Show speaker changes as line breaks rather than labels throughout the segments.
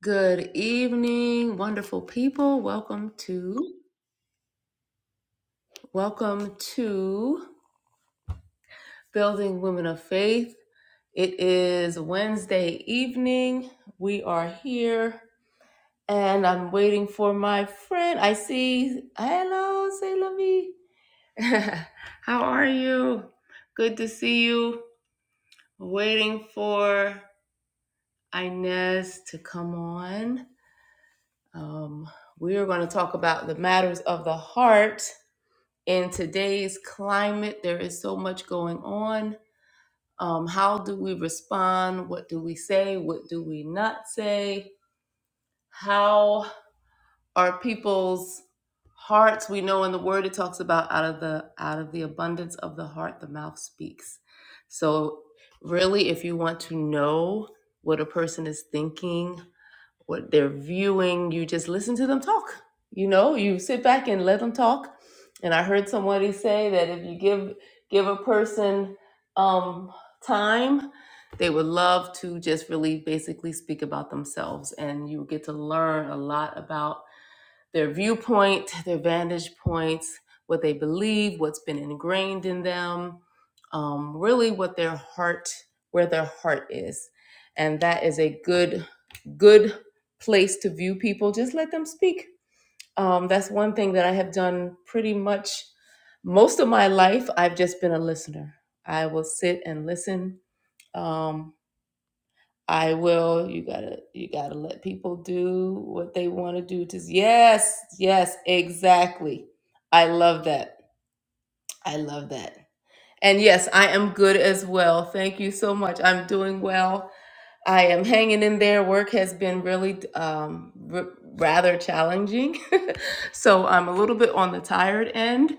Good evening, wonderful people. Welcome to welcome to Building Women of Faith. It is Wednesday evening. We are here and I'm waiting for my friend. I see hello, say lovey. How are you? Good to see you. Waiting for Inez to come on. Um, we are going to talk about the matters of the heart in today's climate, there is so much going on. Um, how do we respond? What do we say? What do we not say? How are people's hearts? We know in the word it talks about out of the out of the abundance of the heart, the mouth speaks. So really, if you want to know what a person is thinking, what they're viewing. You just listen to them talk. You know, you sit back and let them talk. And I heard somebody say that if you give give a person um, time, they would love to just really basically speak about themselves, and you get to learn a lot about their viewpoint, their vantage points, what they believe, what's been ingrained in them, um, really what their heart, where their heart is. And that is a good, good place to view people. Just let them speak. Um, that's one thing that I have done pretty much most of my life. I've just been a listener. I will sit and listen. Um, I will. You gotta you gotta let people do what they want to do. To yes, yes, exactly. I love that. I love that. And yes, I am good as well. Thank you so much. I'm doing well. I am hanging in there. Work has been really um, r- rather challenging, so I'm a little bit on the tired end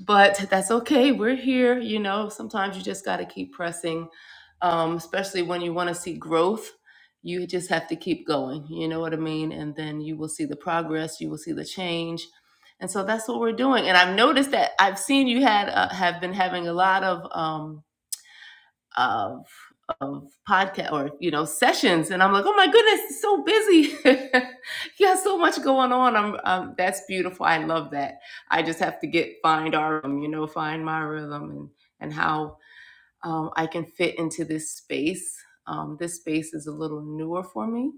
but that's okay. We're here. You know, sometimes you just got to keep pressing, um, especially when you want to see growth. You just have to keep going. You know what I mean? And then you will see the progress. You will see the change. And so that's what we're doing. And I've noticed that I've seen you had uh, have been having a lot of um, of of podcast or you know sessions and i'm like oh my goodness it's so busy you got so much going on i'm um, that's beautiful i love that i just have to get find our um, you know find my rhythm and and how um, i can fit into this space um, this space is a little newer for me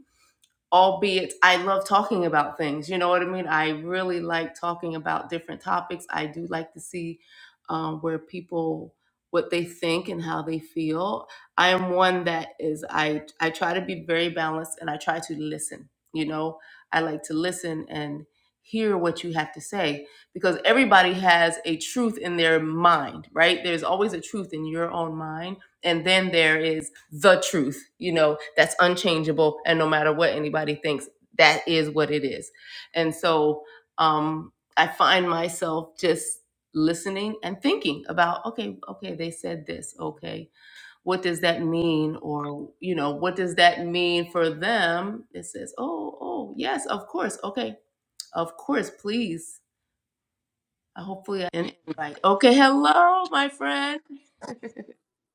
albeit I love talking about things. You know what I mean? I really like talking about different topics. I do like to see um, where people what they think and how they feel. I am one that is I I try to be very balanced and I try to listen. You know, I like to listen and hear what you have to say because everybody has a truth in their mind, right? There's always a truth in your own mind and then there is the truth you know that's unchangeable and no matter what anybody thinks that is what it is and so um i find myself just listening and thinking about okay okay they said this okay what does that mean or you know what does that mean for them it says oh oh yes of course okay of course please Uh, hopefully i can invite okay hello my friend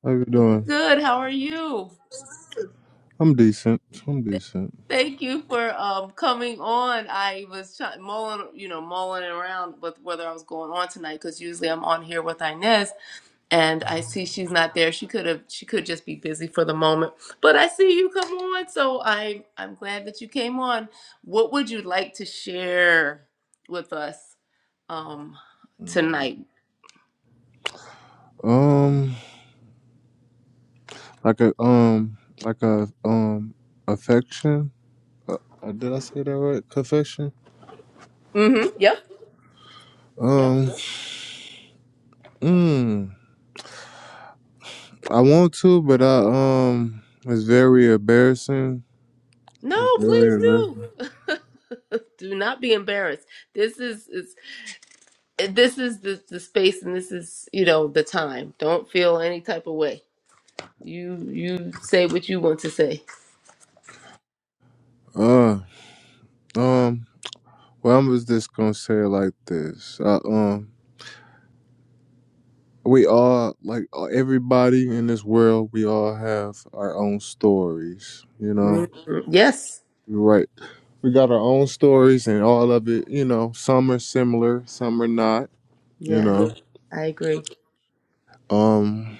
How you doing?
good how are you
I'm decent. I'm
Th-
decent.
Thank you for um, coming on. I was try- mulling, you know, mulling around with whether I was going on tonight because usually I'm on here with Inez, and I see she's not there. She could have, she could just be busy for the moment. But I see you come on, so I'm, I'm glad that you came on. What would you like to share with us um, tonight?
Um, like a um, like a um, affection. Uh, uh, did I say that right? Confession.
Mm-hmm. Yep. Yep.
Um, mm, I want to, but I um, it's very embarrassing. It's
No, please
very
do.
embarrassing.
do not be embarrassed. This is this is the, the space and this is you know the time don't feel any type of way you you say what you want to say
Uh, um, well, I'm just just gonna say it like this. I, um, we all like uh, everybody in this world. We all have our own stories. You know.
Mhm. yes
Right. we got our own stories and all of it you know some are similar some are not you
yes
know
i agree
um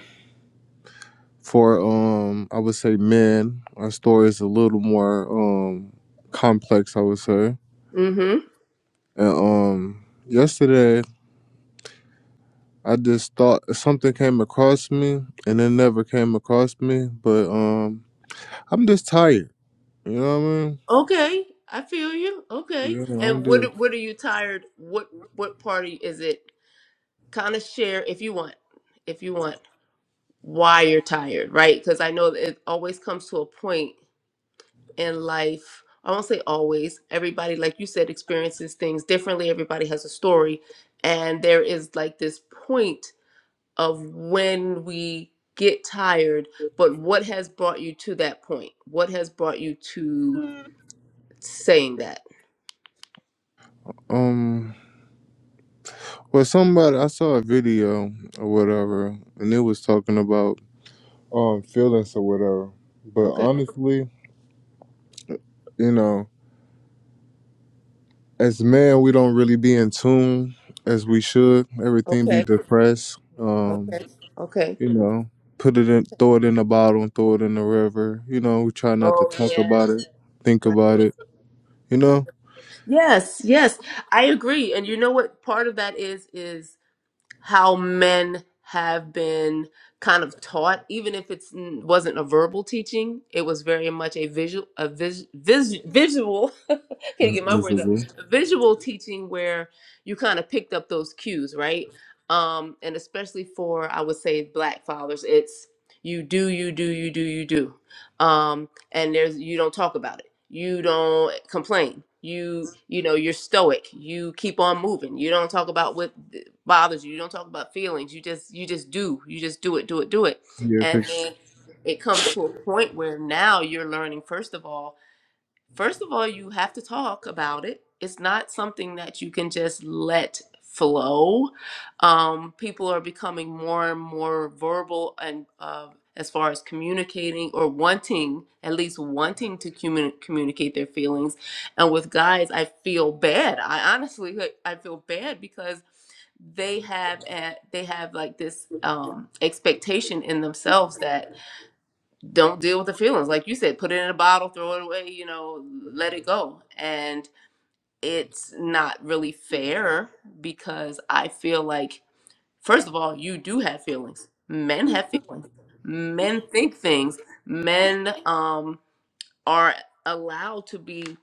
for um i would say men our story is a little more um complex i would say
mm-hmm
and um yesterday i just thought something came across me and it never came across me but um i'm just tired you know what i mean
okay i feel you okay
yeah i'm
and
just
what what are you tired what what party is it kind of share if you want if you want why you're tired right because i know that it always comes to a point in life i won't say always everybody like you said experiences things differently everybody has a story and there is like this point of when we get tired but what has brought you to that point what has brought you to saying that
um well somebody i saw a video or whatever and it was talking about um feelings or whatever. But
okay
honestly, you know, as men we don't really be in tune as we should. Everything be
okay
depressed. Um,
okay okay
you know, put it in throw it in the bottle and throw it in the river. You know, we try not to
oh
talk
yeah
about it, think
right
about it, you know?
yes yes i agree and you know what part of that is is how men have been kind of taught even if it wasn't a verbal teaching it was very much a visual a vis, vis, visual can't
It's
get my words out.
miserable.
Visual teaching where you kind of picked up those cues, right? Um, and especially for I would say black fathers, it's you do, you do, you do, you do. Um, and there's you don't talk about it. You don't complain. You you know, you're stoic. You keep on moving. You don't talk about what bothers you. You don't talk about feelings. You just you just do. You just do it, do it, do it.
Yeah,
And
cause
then it comes to a point where now you're learning first of all First of all, you have to talk about it. It's not something that you can just let flow. Um, people are becoming more and more verbal and uh, as far as communicating or wanting, at least wanting to communi- communicate their feelings. And with guys, I feel bad. I honestly, like, I feel bad because they have a, they have like this um, expectation in themselves that don't deal with the feelings like you said put it in a bottle throw it away you know let it go and it's not really fair because i feel like first of all you do have feelings men have feelings men think things men um are allowed to be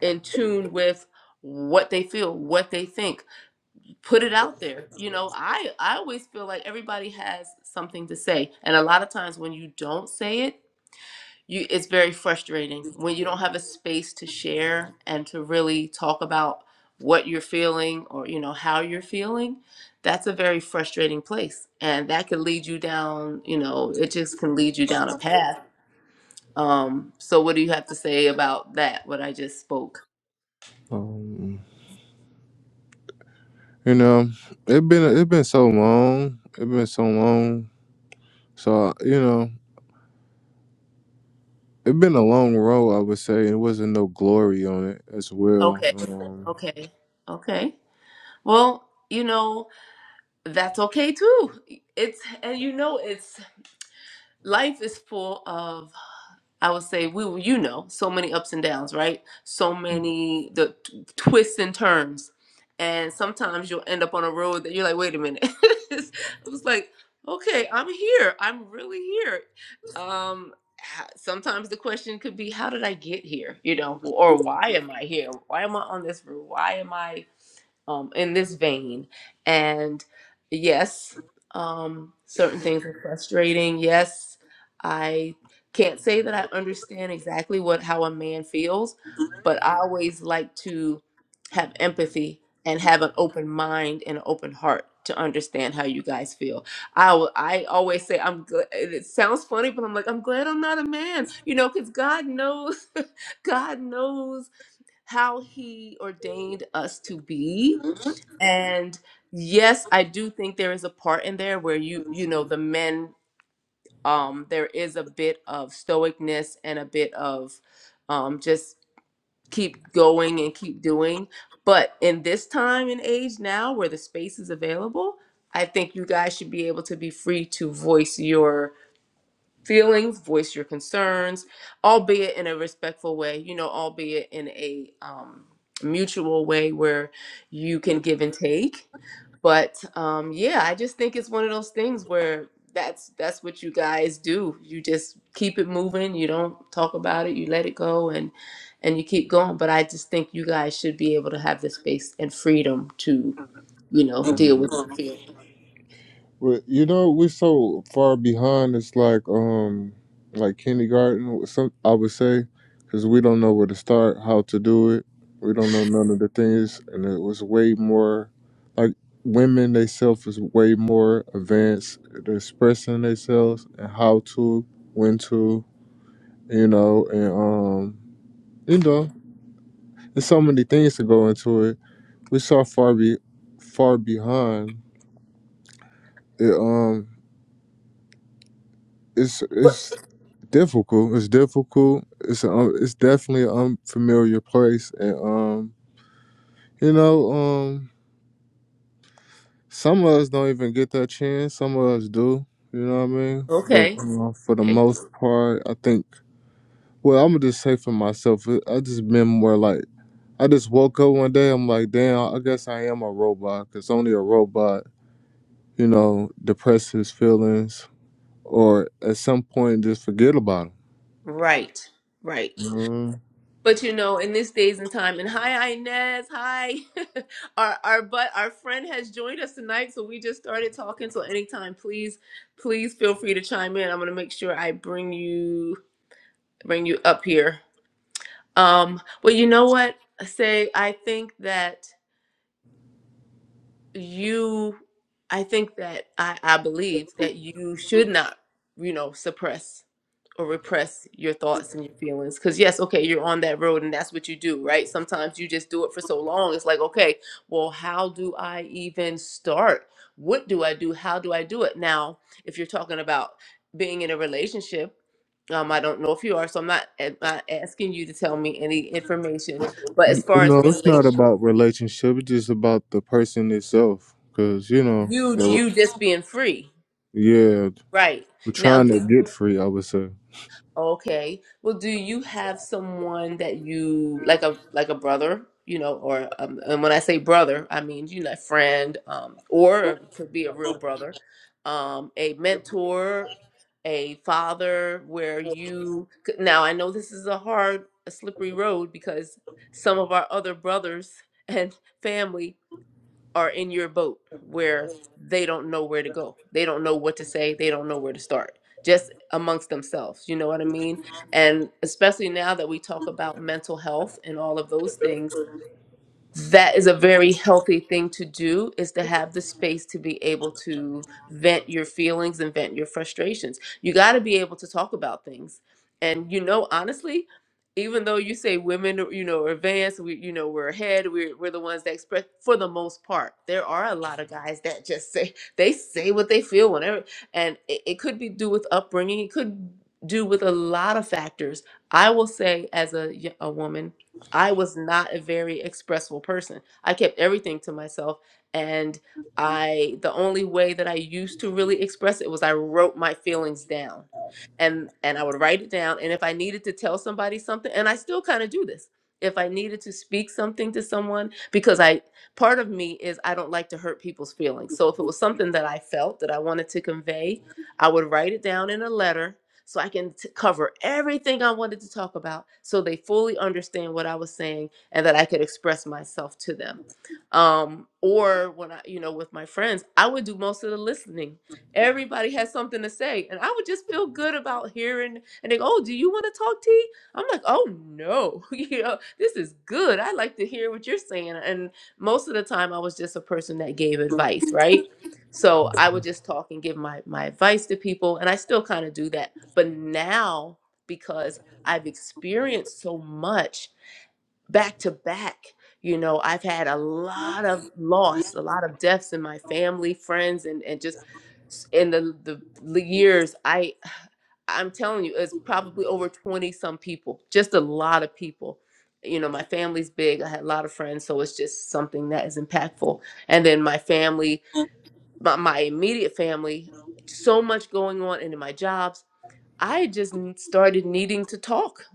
in tune with what they feel what they think put it out there you know i i always feel like everybody has something to say and a lot of times when you don't say it you it's very frustrating when you don't have a space to share and to really talk about what you're feeling or you know how you're feeling that's a very frustrating place and that could lead you down you know it just can lead you down a path um so what do you have to say about that what i just spoke
um you know, it been it been so long. It been so long. So you know. It's been a long road, I would say. It wasn't no glory on it as well.
okay
Um,
okay okay well you know that's okay too it's and you know it's life is full of. I would say we, were- you know, so many ups and downs, right? So many the t- twists and turns, and sometimes you'll end up on a road that you're like, wait a minute. I was like, okay, I'm here. I'm really here. Um, h- sometimes the question could be, how did I get here? You know, or why am I here? Why am I on this route? Why am I um, in this vein? And yes, um, certain things are frustrating. Yes can't say that I understand exactly what how a man feels, but I always like to have empathy and have an open mind and an open heart to understand how you guys feel. I al- I always say I'm glad it sounds funny, but I'm like I'm glad I'm not a man, you know, cuz God knows God knows how he ordained us to be and yes, I do think there is a part in there where you you know the men um, there is a bit of stoicness and a bit of um, just keep going and keep doing. But in this time and age now where the space is available, I think you guys should be able to be free to voice your feelings, voice your concerns, albeit in a respectful way, you know, albeit in a um, mutual way where you can give and take. But um, yeah, I just think it's one of those things where that's that's what you guys do. You just keep it moving. You don't talk about it. You let it go and and you keep going. But I just think you guys should be able to have the space and freedom to you know deal with your feelings.
but you know, we're so far behind. It's like um, like kindergarten. or Some I would say, because we don't know where to start, how to do it. We don't know none of the things, and it was way more like women. They self is way more advanced. they expressing themselves and how to, when to, you know, and um, you know, there's so many things to go into it we so far be far behind. It um, it's it's difficult. It's difficult. It's a, um, it's definitely an unfamiliar place, and um, you know um, some of us don't even get that chance. Some of us do. You know what I mean? But
Okay.
uh, for the
Okay.
most part, I think. Well, I'm gonna just say for myself, it- I just been more like I just woke up one day. I'm like, damn, I guess I am a robot. Cause only a robot, you know, depresses feelings or at some point just forget about
Right. Right.
them. Mm.
But you know, in this days and time, and hi Inez, hi. our our but our friend has joined us tonight, so we just started talking. So anytime, please, please feel free to chime in. I'm gonna make sure I bring you bring you up here. Um, well, you know what? I Say I think that you i think that i i believe that you should not you know suppress or repress your thoughts and your feelings because yes okay you're on that road and that's what you do right sometimes you just do it for so long it's like okay well how do i even start what do i do how do i do it now if you're talking about being in a relationship um, I don't know if you are, so I'm not, I'm not asking you to tell me any information. But as
You
far
know,
as
it's not
relation,
about relationship. It's just about the person itself. Cause you know,
you
the,
you just being free,
yeah,
Right.
we're
Now,
trying
do
to
you,
get free. I would say.
okay. Well, do you have someone that you like a like a brother, you know, or um, and when I say brother, I mean, you know, a friend, um, or it could be a real brother, um, a mentor, a father where you c- now I know this is a hard, a slippery road because some of our other brothers and family are in your boat where they don't know where to go. They don't know what to say. They don't know where to start, just amongst themselves. You know what I mean? And especially now that we talk about mental health and all of those things that is a very healthy thing to do is to have the space to be able to vent your feelings and vent your frustrations. You got to be able to talk about things. And you know, honestly, even though you say women, are, you know, are advanced, we, you know, we're ahead, we're, we're the ones that express for the most part. There are a lot of guys that just say they say what they feel whenever, and it, it could be due with upbringing. It could do with a lot of factors. I will say, as a y- a woman I was not a very expressible person. I kept everything to myself and I the only way that I used to really express it was I wrote my feelings down. And and I would write it down and if I needed to tell somebody something and I still kind of do this. If I needed to speak something to someone because I part of me is I don't like to hurt people's feelings. So if it was something that I felt that I wanted to convey, I would write it down in a letter so I can t- cover everything I wanted to talk about so they fully understand what I was saying and that I could express myself to them. Um, or when I, you know, with my friends, I would do most of the listening. Everybody has something to say, and I would just feel good about hearing and they go, Oh, do you want to talk i I'm like, Oh no, you know, this is good. I like to hear what you're saying. And most of the time I was just a person that gave advice, right? So I would just talk and give my my advice to people, and I still kind of do that but now, because I've experienced so much back to back, you know, I've had a lot of loss, a lot of deaths in my family, friends, and and just s- in the the the years. I I'm telling you, it's probably over twenty some people, just a lot of people. You know, my family's big. I had a lot of friends, so it's just something that is impactful. And then my family, my, my immediate family, so much going on, and in my jobs. I just n- started needing to talk.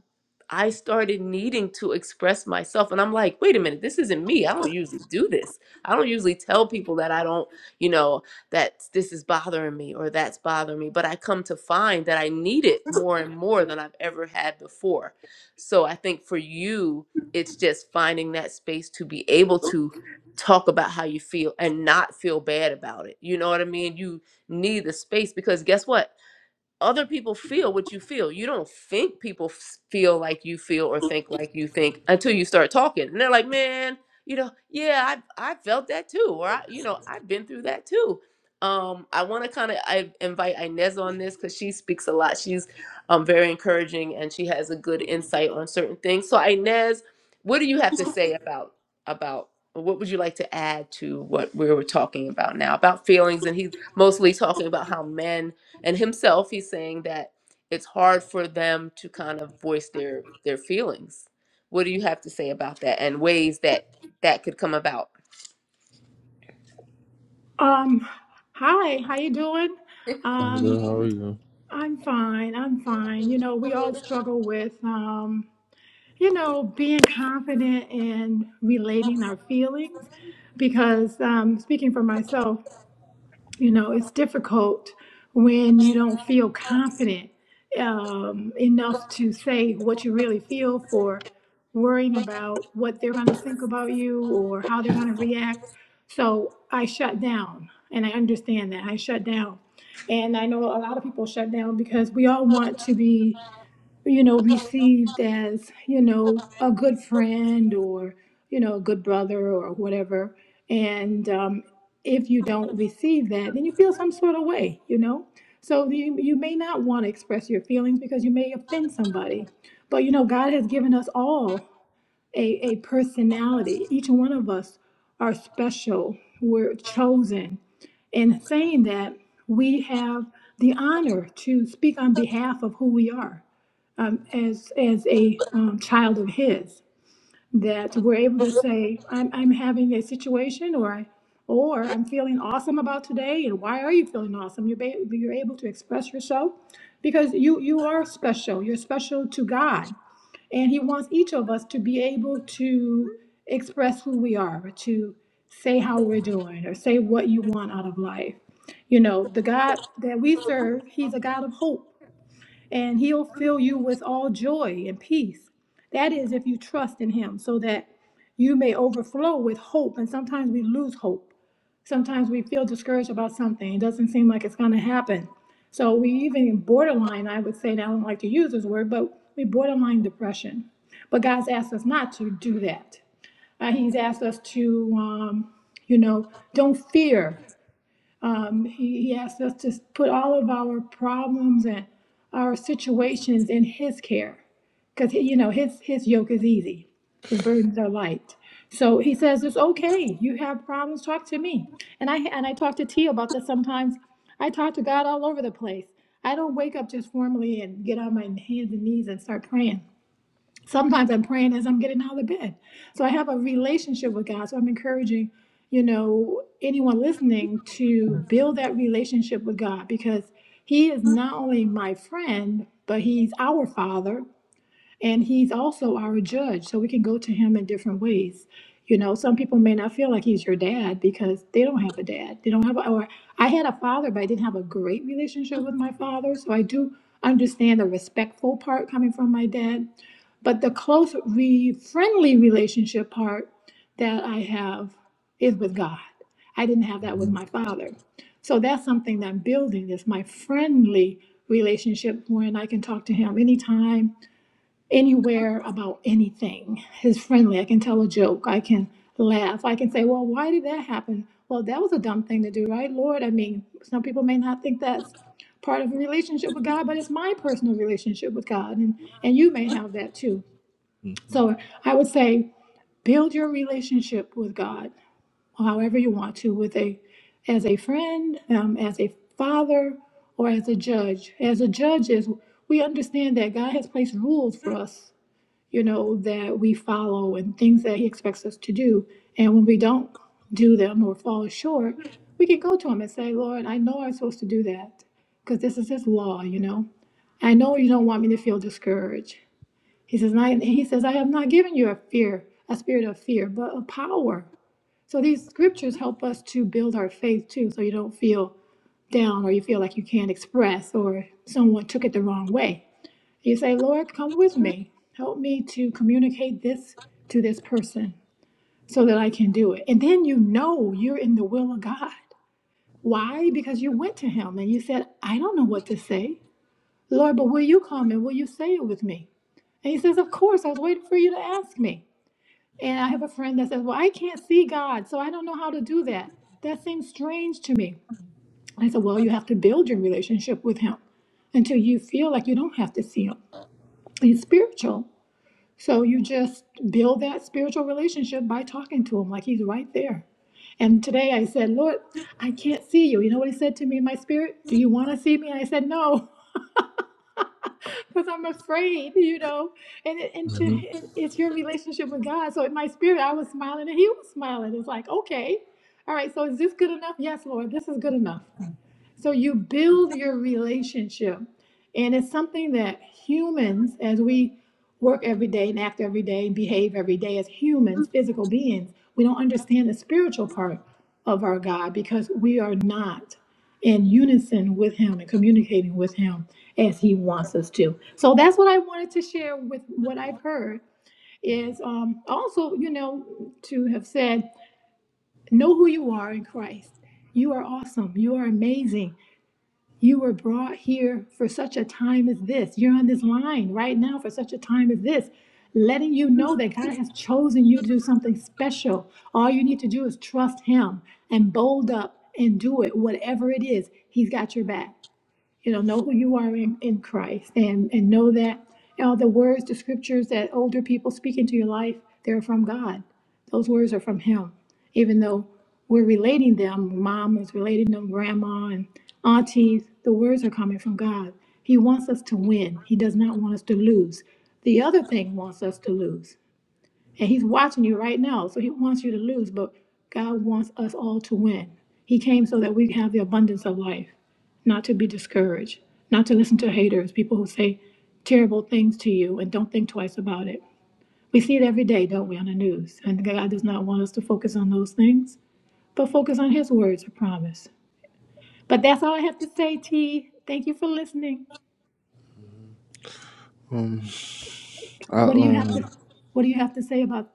I started needing to express myself. And I'm like, wait a minute, this isn't me. I don't usually do this. I don't usually tell people that I don't, you know, that this is bothering me or that's bothering me. But I come to find that I need it more and more than I've ever had before. So I think for you, it's just finding that space to be able to talk about how you feel and not feel bad about it. You know what I mean? You need the space because guess what? other people feel what you feel. You don't think people f- feel like you feel or think like you think until you start talking. And they're like, man, you know, yeah, I I felt that too, or I, you know, I've been through that too. Um, I want to kind of I invite Inez on this because she speaks a lot. She's um very encouraging and she has a good insight on certain things. So Inez, what do you have to say about about or what would you like to add to what we were talking about now about feelings? And he's mostly talking about how men and himself he's saying that it's hard for them to kind of voice their their feelings what do you have to say about that and ways that that could come about
Um, hi, how you doing?
I'm good,
Um,
How are you?
I'm fine. I'm fine. You know, we all struggle with um, you know, being confident and relating our feelings because um speaking for myself, you know it's difficult when you don't feel confident um, enough to say what you really feel for worrying about what they're going to think about you or how they're going to react so i shut down and i understand that i shut down and i know a lot of people shut down because we all want to be you know, received as, you know, a good friend or, you know, a good brother or whatever. And um, if you don't receive that, then you feel some sort of way, you know? So you, you may not want to express your feelings because you may offend somebody. But, you know, God has given us all a, a personality. Each one of us are special. We're chosen. And saying that, we have the honor to speak on behalf of who we are um, as, as a um, child of His. That we're able to say, I'm, I'm having a situation or I or I'm feeling awesome about today. And why are you feeling awesome? You're, ba- you're able to express yourself because you, you are special. You're special to God and He wants each of us to be able to express who we are, to say how we're doing, or say what you want out of life. You know, the God that we serve, He's a God of hope, and He'll fill you with all joy and peace. That is, if you trust in Him, so that you may overflow with hope. And sometimes we lose hope sometimes we feel discouraged about something. It doesn't seem like it's going to happen. So we even borderline, I would say, and I don't like to use this word, but we borderline depression. But God's asked us not to do that. Uh, he's asked us to, um, you know, don't fear. Um, he, he asked us to put all of our problems and our situations in His care, because you know His His yoke is easy, His burdens are light. So He says it's okay. You have problems, talk to me. And I and I talk to T about this sometimes. I talk to God all over the place. I don't wake up just formally and get on my hands and knees and start praying sometimes I'm praying as I'm getting out of bed. So I have a relationship with God. So I'm encouraging, you know, anyone listening to build that relationship with God because He is not only my friend, but He's our Father. And he's also our judge, so we can go to him in different ways. You know, some people may not feel like he's your dad because they don't have a dad. They don't have, a, or I had a father, but I didn't have a great relationship with my father. So I do understand the respectful part coming from my dad. But the close, re- friendly relationship part that I have is with God. I didn't have that with my father. So that's something that I'm building is my friendly relationship when I can talk to him anytime anywhere about anything is friendly. I can tell a joke. I can laugh. I can say, well, why did that happen? Well, that was a dumb thing to do, right, Lord? I mean, some people may not think that's part of a relationship with God, but it's my personal relationship with God, and, and you may have that too. So I would say build your relationship with God however you want to, with a as a friend, um, as a father, or as a judge. As a judge is, we understand that God has placed rules for us you know, that we follow and things that He expects us to do. And when we don't do them or fall short, we can go to Him and say, Lord, I know I'm supposed to do that because this is His law, you know. I know you don't want me to feel discouraged. He says, and I, He says, I have not given you a fear, a spirit of fear, but of power. So these scriptures help us to build our faith too, so you don't feel down or you feel like you can't express or someone took it the wrong way you say, Lord, come with me. Help me to communicate this to this person so that I can do it. And then you know you're in the will of God. Why? Because you went to him and you said, I don't know what to say. Lord, but will you come and will you say it with me? And he says, Of course, I was waiting for you to ask me. And I have a friend that says, Well, I can't see God, so I don't know how to do that. That seems strange to me. And I said, Well, you have to build your relationship with him until you feel like you don't have to see him. He's spiritual. So you just build that spiritual relationship by talking to him like he's right there. And today I said, Lord, I can't see you. You know what he said to me in my spirit? Do you want to see me? And I said, no, because I'm afraid, you know. And, it, and to,
hmm
it, it's your relationship with God. So in my spirit, I was smiling and he was smiling. It's like, okay, all right, so is this good enough? Yes, Lord, this is good enough. So you build your relationship. And it's something that humans, as we work every day and act every day and behave every day as humans, physical beings, we don't understand the spiritual part of our God because we are not in unison with Him and communicating with Him as He wants us to. So that's what I wanted to share with what I've heard is um, also, you know, to have said, know who you are in Christ. You are awesome. You are amazing you were brought here for such a time as this. You're on this line right now for such a time as this, letting you know that God has chosen you to do something special. All you need to do is trust Him and bold up and do it, whatever it is. He's got your back you know know who you are in, in christ and and know that all the words the scriptures that older people speak into your life they're from god those words are from him even though we're relating them mom is relating them grandma and aunties the words are coming from god he wants us to win he does not want us to lose the other thing wants us to lose and he's watching you right now. So he wants you to lose, but God wants us all to win. He came so that we can have the abundance of life, not to be discouraged, not to listen to haters, people who say terrible things to you and don't think twice about it. We see it every day, don't we, on the news? And God does not want us to focus on those things, but focus on his words of promise. But that's all I have to say, T. Thank you for listening.
Um, I
What do you have
um,
to what do you have to say about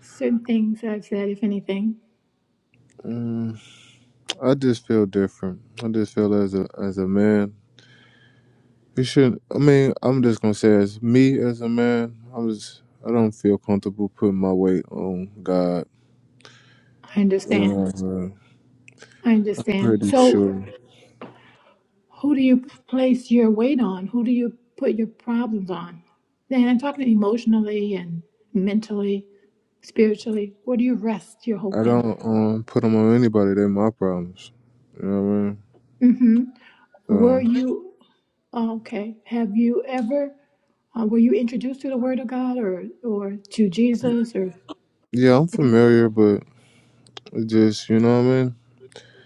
certain things that I've said, if anything?
mm, I just feel different. I just feel as a as a man, you shouldn't. I mean, I'm just gonna say as me as a man, I'm just. I don't feel comfortable putting my weight on God.
I understand.
And I'm
I
uh,
understand.
pretty
So,
sure.
who do you place your weight on? Who do you put your problems on? And I'm talking emotionally and mentally, spiritually. Where do you rest your
I
hope in?
don't um put them on anybody. They're my problems. You know what I mean?
Mm-hmm. Were
So
you okay? Have you ever uh, were you introduced to the Word of God or or to Jesus or
yeah, I'm familiar, but it just you know what I mean.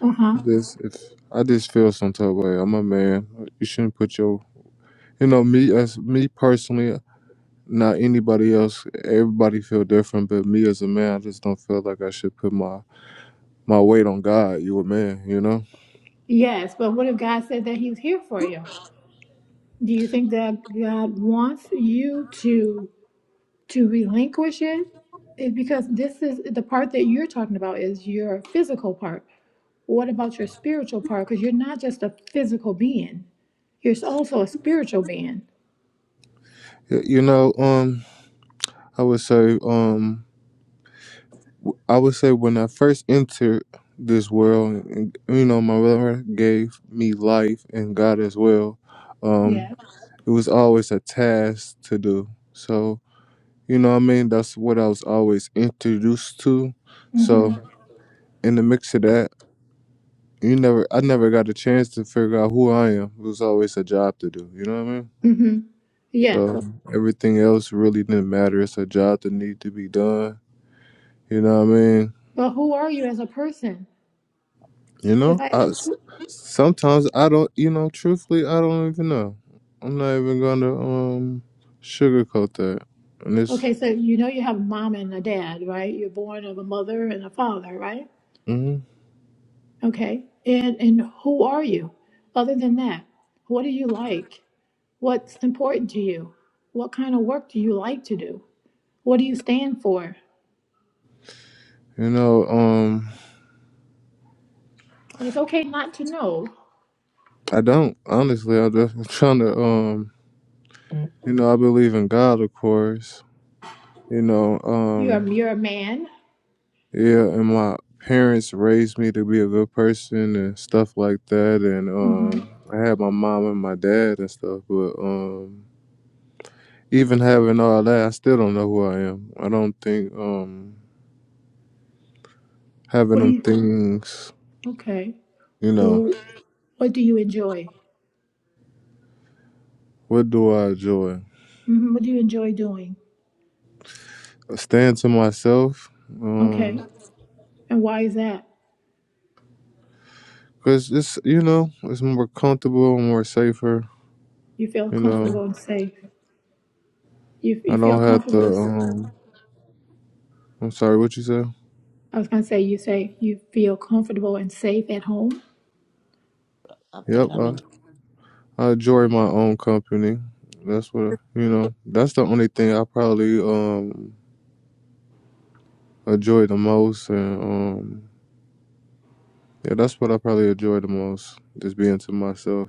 uh huh?
Just if I just feel some type of way. I'm a man. You shouldn't put your you know me as me personally. Not anybody else. Everybody feel different, but me as a man, I just don't feel like I should put my my weight on God. You a man, you know.
Yes, but what if God said that He's here for you? Do you think that God wants you to? to relinquish it is because this is the part that you're talking about is your physical part. What about your spiritual part? Because you're not just a physical being, you're also a spiritual being.
Y- You know. Um, I would say. Um, I would say when I first entered this world, and, you know, my mother gave me life and God as well.
Yeah.
Um, it was always a task to do. So, you know, what I mean, that's what I was always introduced to.
Mm-hmm.
So, in the mix of that, you never, I never got a chance to figure out who I am. It was always a job to do. You know what I mean?
Mm-hmm. Yeah.
So
So,
everything else really didn't matter. It's a job that need to be done. You know what I mean?
but who are you as a person?
You know,
If I
I sometimes I don't. You know, truthfully, I don't even know. I'm not even gonna um sugarcoat that. And it's,
okay, so you know you have a mom and a dad, right? You're born of a mother and a father, right?
mm,
Okay. And and who are you? Other than that, what do you like? What's important to you? What kind of work do you like to do? What do you stand for?
you know, um,
And it's okay not to know.
I don't honestly. I'm just trying to um, you know, I believe in God, of course. You know,
You're a,
um,
you're a man.
yeah, and my parents raised me to be a good person and stuff like that, and
hmm
um, I had my mom and my dad and stuff, but um. even having all that, I still don't know who I am. I don't think um having
What do
them
you?
things,
Okay.
you know,
Wh- What do you enjoy?
what do I enjoy?
hmm What do you enjoy doing?
Staying to myself, um,
Okay. And why is that?
cause it's you know it's more comfortable, more safer.
You feel
You
comfortable
know,
and safe. You,
I
you feel
don't have
comfortable.
to. Um, I'm sorry, what you say?
I was going to say, you say you feel comfortable and safe at home.
i'm
Yep,
thinking i'm
I,
in
I enjoy my own company. That's what I- you know. That's the only thing I probably um enjoy the most, and um, yeah, that's what I probably enjoy the most, just being to myself.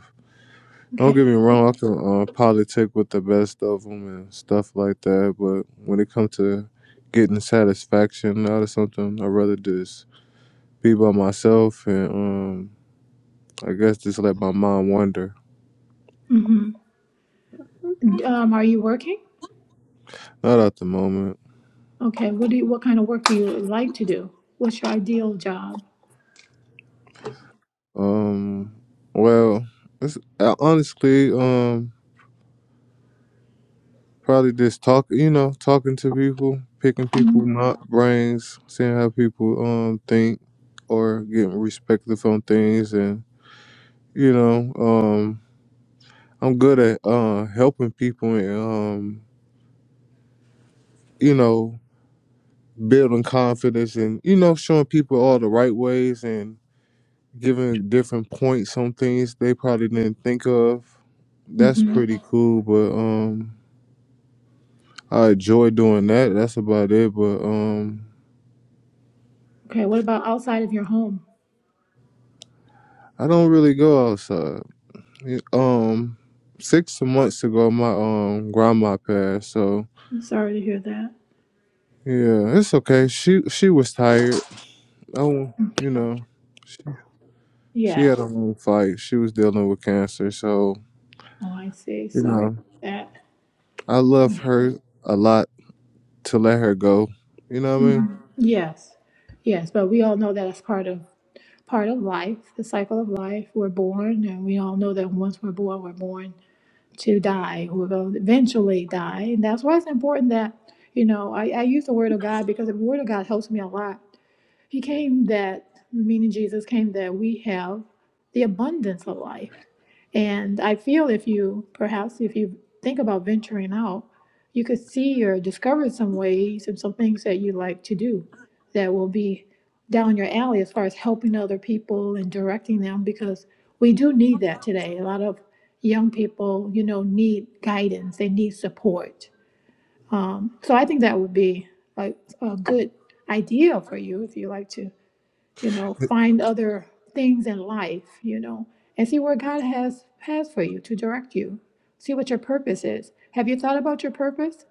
Don't
Okay.
get me wrong, I can uh, politic with the best of them and stuff like that, but when it comes to getting satisfaction out of something, I'd rather just be by myself and um, I guess just let my mind wander.
hmm Um, are you working?
Not at the moment.
Okay. What do you, what kind of work do you like to do? What's your ideal job?
Um, well, it's, I honestly, um, probably just talk, you know, talking to people, picking people, my brains, seeing how people um think or getting respectful on things and you know, um, I'm good at uh, helping people and um, you know building confidence and you know showing people all the right ways and giving different points on things they probably didn't think of. That's
Mm-hmm.
pretty cool, but um, I enjoy doing that. That's about it. But um,
Okay, what about outside of your home?
I don't really go outside. Yeah, Um, six months ago, my um grandma passed, so
I'm sorry to hear that.
yeah, it's okay. She she was tired. Oh, you know. She
Yes.
had a long fight. She was dealing with cancer. So,
Oh, I see.
you
Sorry about
know,
that.
I love her a lot to let her go. You know what I mean?
Mhm. Yes. Yes, but we all know that it's part of part of life, the cycle of life. We're born, and we all know that once we're born, we're born to die. We're going to eventually die, and that's why it's important that you know I, I use the word of God because the word of God helps me a lot He came that, meaning Jesus came that we have the abundance of life. And I feel if you, perhaps if you think about venturing out, you could see or discover some ways and some things that you like to do that will be down your alley as far as helping other people and directing them because we do need that today. A lot of young people, you know, need guidance, they need support. Um, so I think that would be like a good idea for you if you like to you know, find other things in life, you know, and see where God has has for you to direct you. See what your purpose is. Have you thought about your purpose?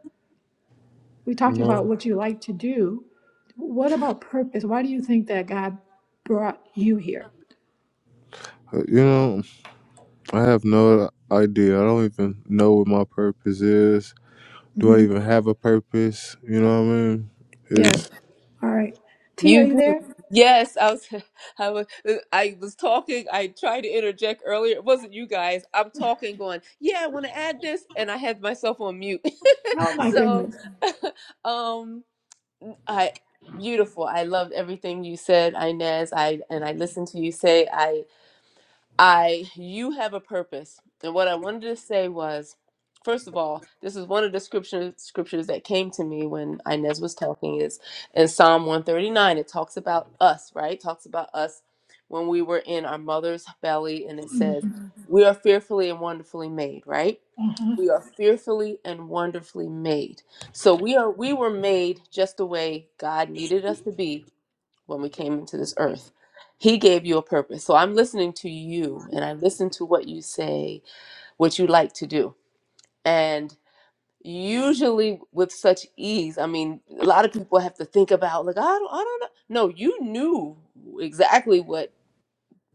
We
You
talked about
know?
what you like to do. What about purpose? Why do you think that God brought you here?
Uh, You know, I have no idea. I don't even know what my purpose is. Do I
hmm
even have a purpose? You know what I mean?
Yes.
Is
All right. T, are
you
you
do
there?
yes i was i was uh, i was talking i tried to interject earlier it wasn't you guys i'm talking going yeah i want to add this and i had myself on mute
Oh my
so
goodness.
um i beautiful i loved everything you said inez i and i listened to you say i I you have a purpose. And what I wanted to say was, first of all, this is one of the scriptures scriptures that came to me when Inez was talking is in Psalm 139. It talks about us, right? talks about us when we were in our mother's belly and it
hmm
says, Mhm. "We are fearfully and wonderfully made," right?
Uh huh.
We are Mhm. fearfully and wonderfully made. So we are we were made just the way God needed us to be when we came into this earth. He gave you a purpose. So I'm listening to you and I listen to what you say, what you like to do. And usually with such ease, I mean, a lot of people have to think about like I don't I don't know. No, you knew exactly what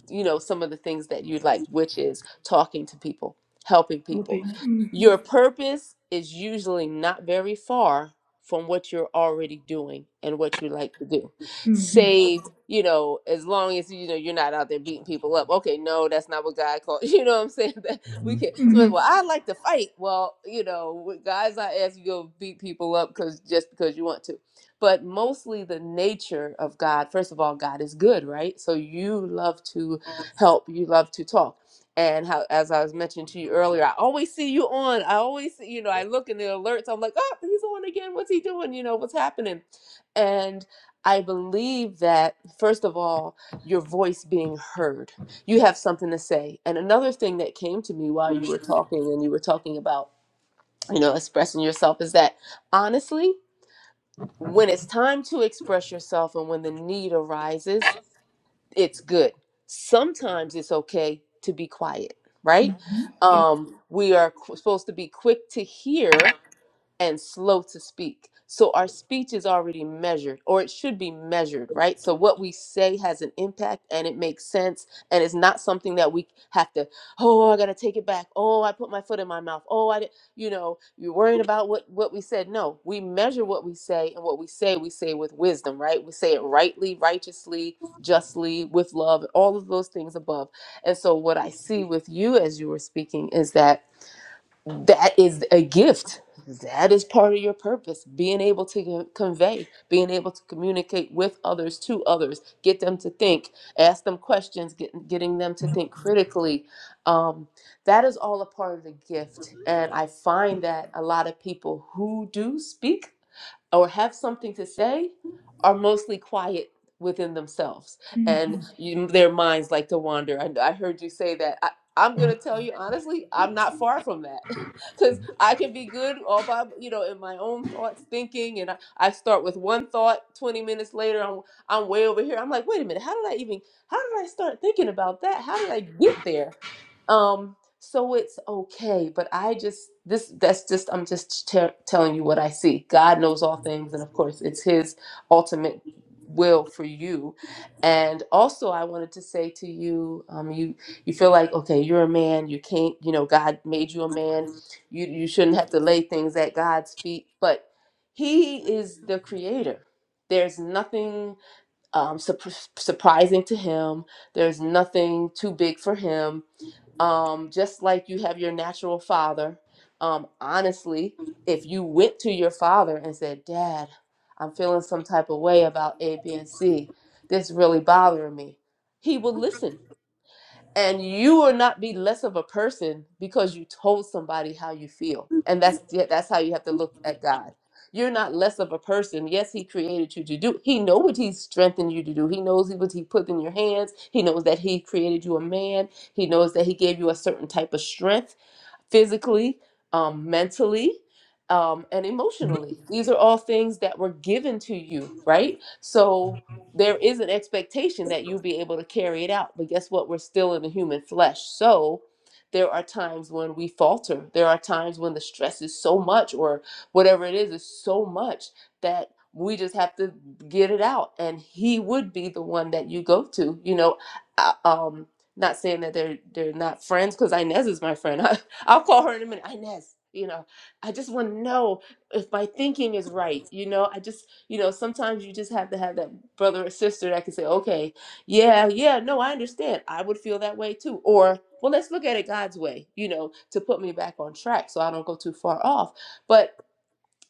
you know some of the things that you liked which is talking to people helping people
Open.
your
Mm-hmm.
purpose is usually not very far from what you're already doing and what you like to do
Mm-hmm.
save you know as long as you know you're not out there beating people up okay no that's not what god called you know what i'm saying that we can so well
Mm-hmm.
i like to fight well you know with guys i ask you to go beat people up because just because you want to but mostly the nature of God. First of all, God is good, right? So you love to help you love to talk and how as i was mentioning to you earlier i always see you on i always see you know i look in the alerts i'm like oh he's on again what's he doing you know what's happening and i believe that first of all your voice being heard you have something to say and another thing that came to me while you were talking and you were talking about you know expressing yourself is that honestly when it's time to express yourself and when the need arises it's good. Sometimes it's okay to be quiet, right?
Mm-hmm. Yes.
Um, we are qu- supposed to be quick to hear and slow to speak. So our speech is already measured, or it should be measured, right? So what we say has an impact and it makes sense. And it's not something that we have to, oh, I got to take it back. Oh, I put my foot in my mouth. Oh, I, di-" you know, you're worrying about what, what we said. No, we measure what we say and what we say, we say with wisdom, right? We say it rightly, righteously, justly, with love, all of those things above. And so what I see with you as you were speaking is that that is a gift that is part of your purpose being able to co- convey being able to communicate with others to others get them to think ask them questions get, getting them to think critically um, that is all a part of the gift and i find that a lot of people who do speak or have something to say are mostly quiet within themselves
Mm-hmm.
and you, their minds like to wander I, I heard you say that I'm gonna tell you honestly, I'm not far from that because I can be good all by you know in my own thoughts, thinking, and I, I start with one thought. Twenty minutes later, I'm I'm way over here. I'm like, wait a minute, how did I even? How did I start thinking about that? How did I get there? Um, so it's okay, but I just this that's just I'm just te- telling you what I see. God knows all things, and of course, it's His ultimate will for you. And also, I wanted to say to you, um, you you feel like okay you're a man you can't you know god made you a man you you shouldn't have to lay things at god's feet but he is the creator there's nothing um, surp surprising to him there's nothing too big for him um, just like you have your natural father um, honestly if you went to your father and said dad i'm feeling some type of way about a b and c this really bothering me he will listen and you will not be less of a person because you told somebody how you feel and that's yeah, that's how you have to look at god you're not less of a person yes he created you to do he knows what he strengthened you to do he knows what he put in your hands he knows that he created you a man he knows that he gave you a certain type of strength physically, um, mentally, um, and emotionally. These are all things that were given to you, right? So there is an expectation that you'll be able to carry it out. But guess what? We're still in the human flesh. So there are times when we falter. There are times when the stress is so much, or whatever it is, is so much that we just have to get it out. And He would be the one that you go to. You know, I- um, not saying that they're they're not friends because Inez is my friend. I'll call her in a minute. Inez, you know, I just want to know if my thinking is right. You know, I just, you know, sometimes you just have to have that brother or sister that can say, okay, yeah, yeah, no, I understand. I would feel that way too. Or, well, let's look at it God's way, you know, to put me back on track so I don't go too far off. But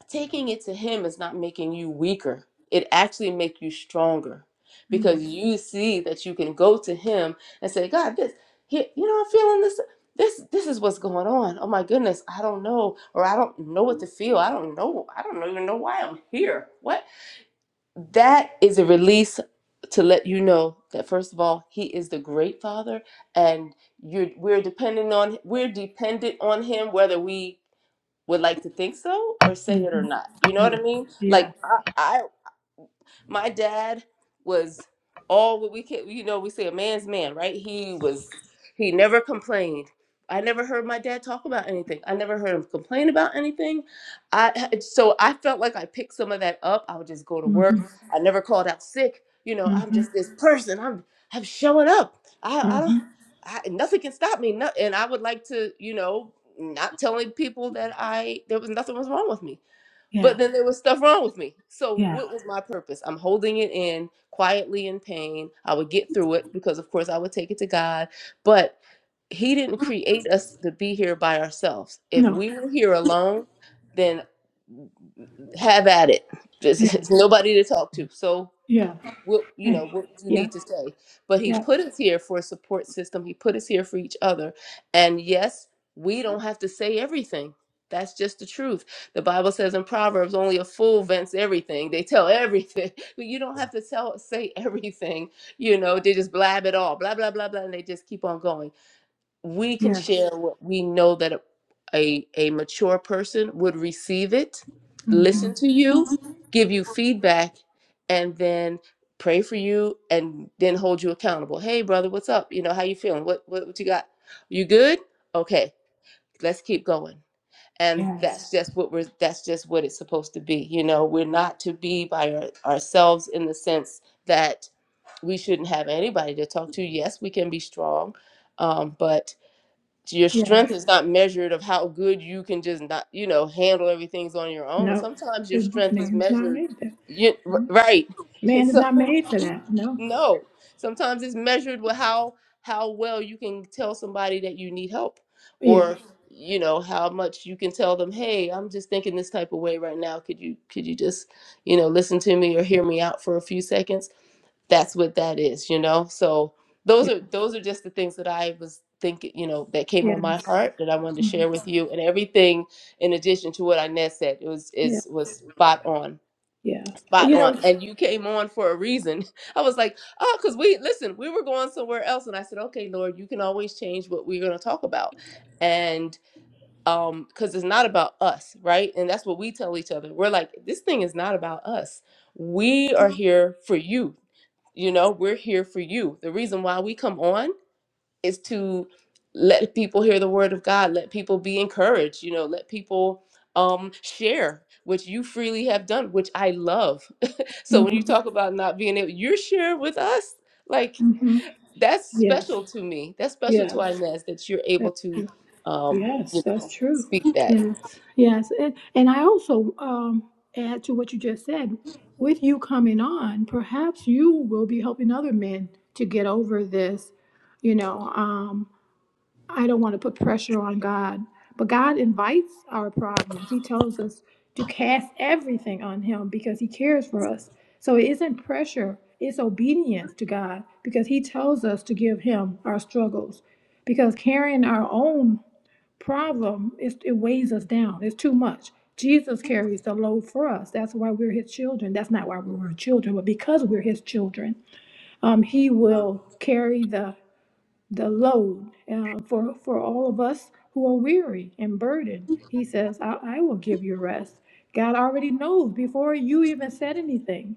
taking it to him is not making you weaker it actually makes you stronger because
Mm-hmm.
you see that you can go to him and say god this here, you know i'm feeling this this this is what's going on oh my goodness i don't know or i don't know what to feel i don't know i don't even know why i'm here what that is a release to let you know that first of all he is the great father and you're we're dependent on we're dependent on him whether we would like to think so or
Mm-hmm.
say it or not. You know what
Yeah.
I mean?
Yeah.
Like I, I my dad was all what we can, you know, we say a man's man, right? He was, he never complained. I never heard my dad talk about anything. I never heard him complain about anything. I so I felt like I picked some of that up. I would just go to work.
Mm-hmm.
I never called out sick. You know, I'm
Uh-huh.
just this person. I'm I'm showing up. I I
Uh-huh.
don't I, nothing can stop me. No, and I would like to, you know, not telling people that I there was nothing was wrong with me.
Yeah,
But then there was stuff wrong with me. So
yeah.
what was my purpose? I'm holding it in quietly in pain. I would get through it because of course I would take it to God. But he didn't create us to be here by ourselves. If
No,
we were here alone, then have at it. There's,
yeah,
there's nobody to talk to. So
yeah,
what you
eh,
know what would you
yeah,
need to say but he
yeah,
put us here for a support system he put us here for each other and yes we don't have to say everything that's just the truth the bible says in proverbs only a fool vents everything they tell everything but you don't have to tell say everything you know they just blab it all blah blah blah blah and they just keep on going we can
yes.
share what we know that a, a, a mature person would receive it,
hmm
listen to you, give you feedback, and then pray for you and then hold you accountable. Hey brother, what's up? You know, how you feeling? What what, what you got? You good? Okay, let's keep going. And
Yes,
that's just what we're that's just what it's supposed to be. You know, we're not to be by our, ourselves in the sense that we shouldn't have anybody to talk to. Yes, we can be strong, um, but your
yeah.
strength is not measured of how good you can just not you know handle everything's on your own
No,
sometimes your
eh,
strength is
man's not
measured
made that.
you r- right
Man is
so
not made for that. No,
no sometimes it's measured with how how well you can tell somebody that you need help
yeah,
or you know how much you can tell them hey i'm just thinking this type of way right now could you could you just you know listen to me or hear me out for a few seconds that's what that is you know so those
yeah,
are those are just the things that i was thinking you know that came on my
yes,
heart that i wanted to
hmm
share with you and everything in addition to what inez said it was
yeah,
is was spot on
yeah.
spot
You
on
know,
and you came on for a reason i was like oh because we listen we were going somewhere else and i said okay lord you can always change what we're going to talk about and um because it's not about us right and that's what we tell each other we're like this thing is not about us we are here for you you know, we're here for you. The reason why we come on is to let people hear the word of God, let people be encouraged, you know, let people um share, which you freely have done, which I love. So when you
hmm
talk about not being able, you're sharing with us, like
hmm
that's
yes,
special to me. That's special to
yes,
Inez that you're able
yes,
to um, you
Yes, that's
know,
true.
speak that.
Yes, yes. And, and I also um, add to what you just said with you coming on, perhaps you will be helping other men to get over this. You know, um, I don't want to put pressure on God, but God invites our problems. He tells us to cast everything on Him because He cares for us. So it isn't pressure, it's obedience to God because He tells us to give Him our struggles because carrying our own problem is it weighs us down. It's too much. Jesus carries the load for us. That's why we're his children. That's not why we were children, but because we're his children, um, he will carry the the load uh, for for all of us who are weary and burdened. He says, I, "I will give you rest." God already knows before you even said anything.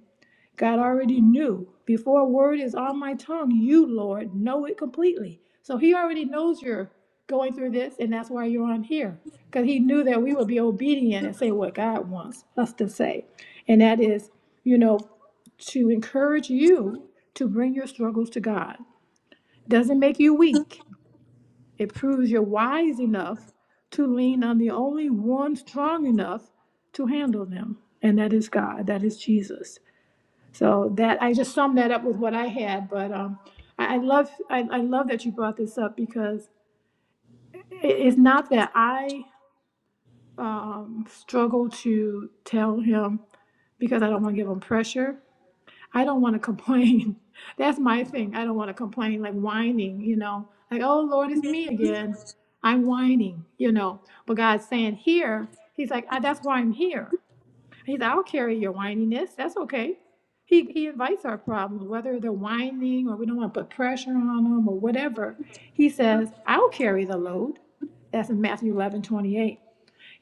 God already knew. Before a word is on my tongue, you, Lord, know it completely. So he already knows you're going through this, and that's why you're on here. Because he knew that we would be obedient and say what God wants us to say. And that is, you know, to encourage you to bring your struggles to God. Doesn't make you weak. It proves you're wise enough to lean on the only one strong enough to handle them. And that is God. That is Jesus. So that I just summed that up with what I had, but um, I, I love I, I love that you brought this up because it, it's not that I um, struggle to tell him because I don't want to give him pressure. I don't want to complain. That's my thing. I don't want to complain like whining, you know, like oh Lord, it's me again. I'm whining, you know. But God's saying here, He's like, I, that's why I'm here. He said, I'll carry your whininess. That's okay. He, he invites our problems, whether they're whining or we don't want to put pressure on them or whatever. He says, I'll carry the load. That's in Matthew 11 28.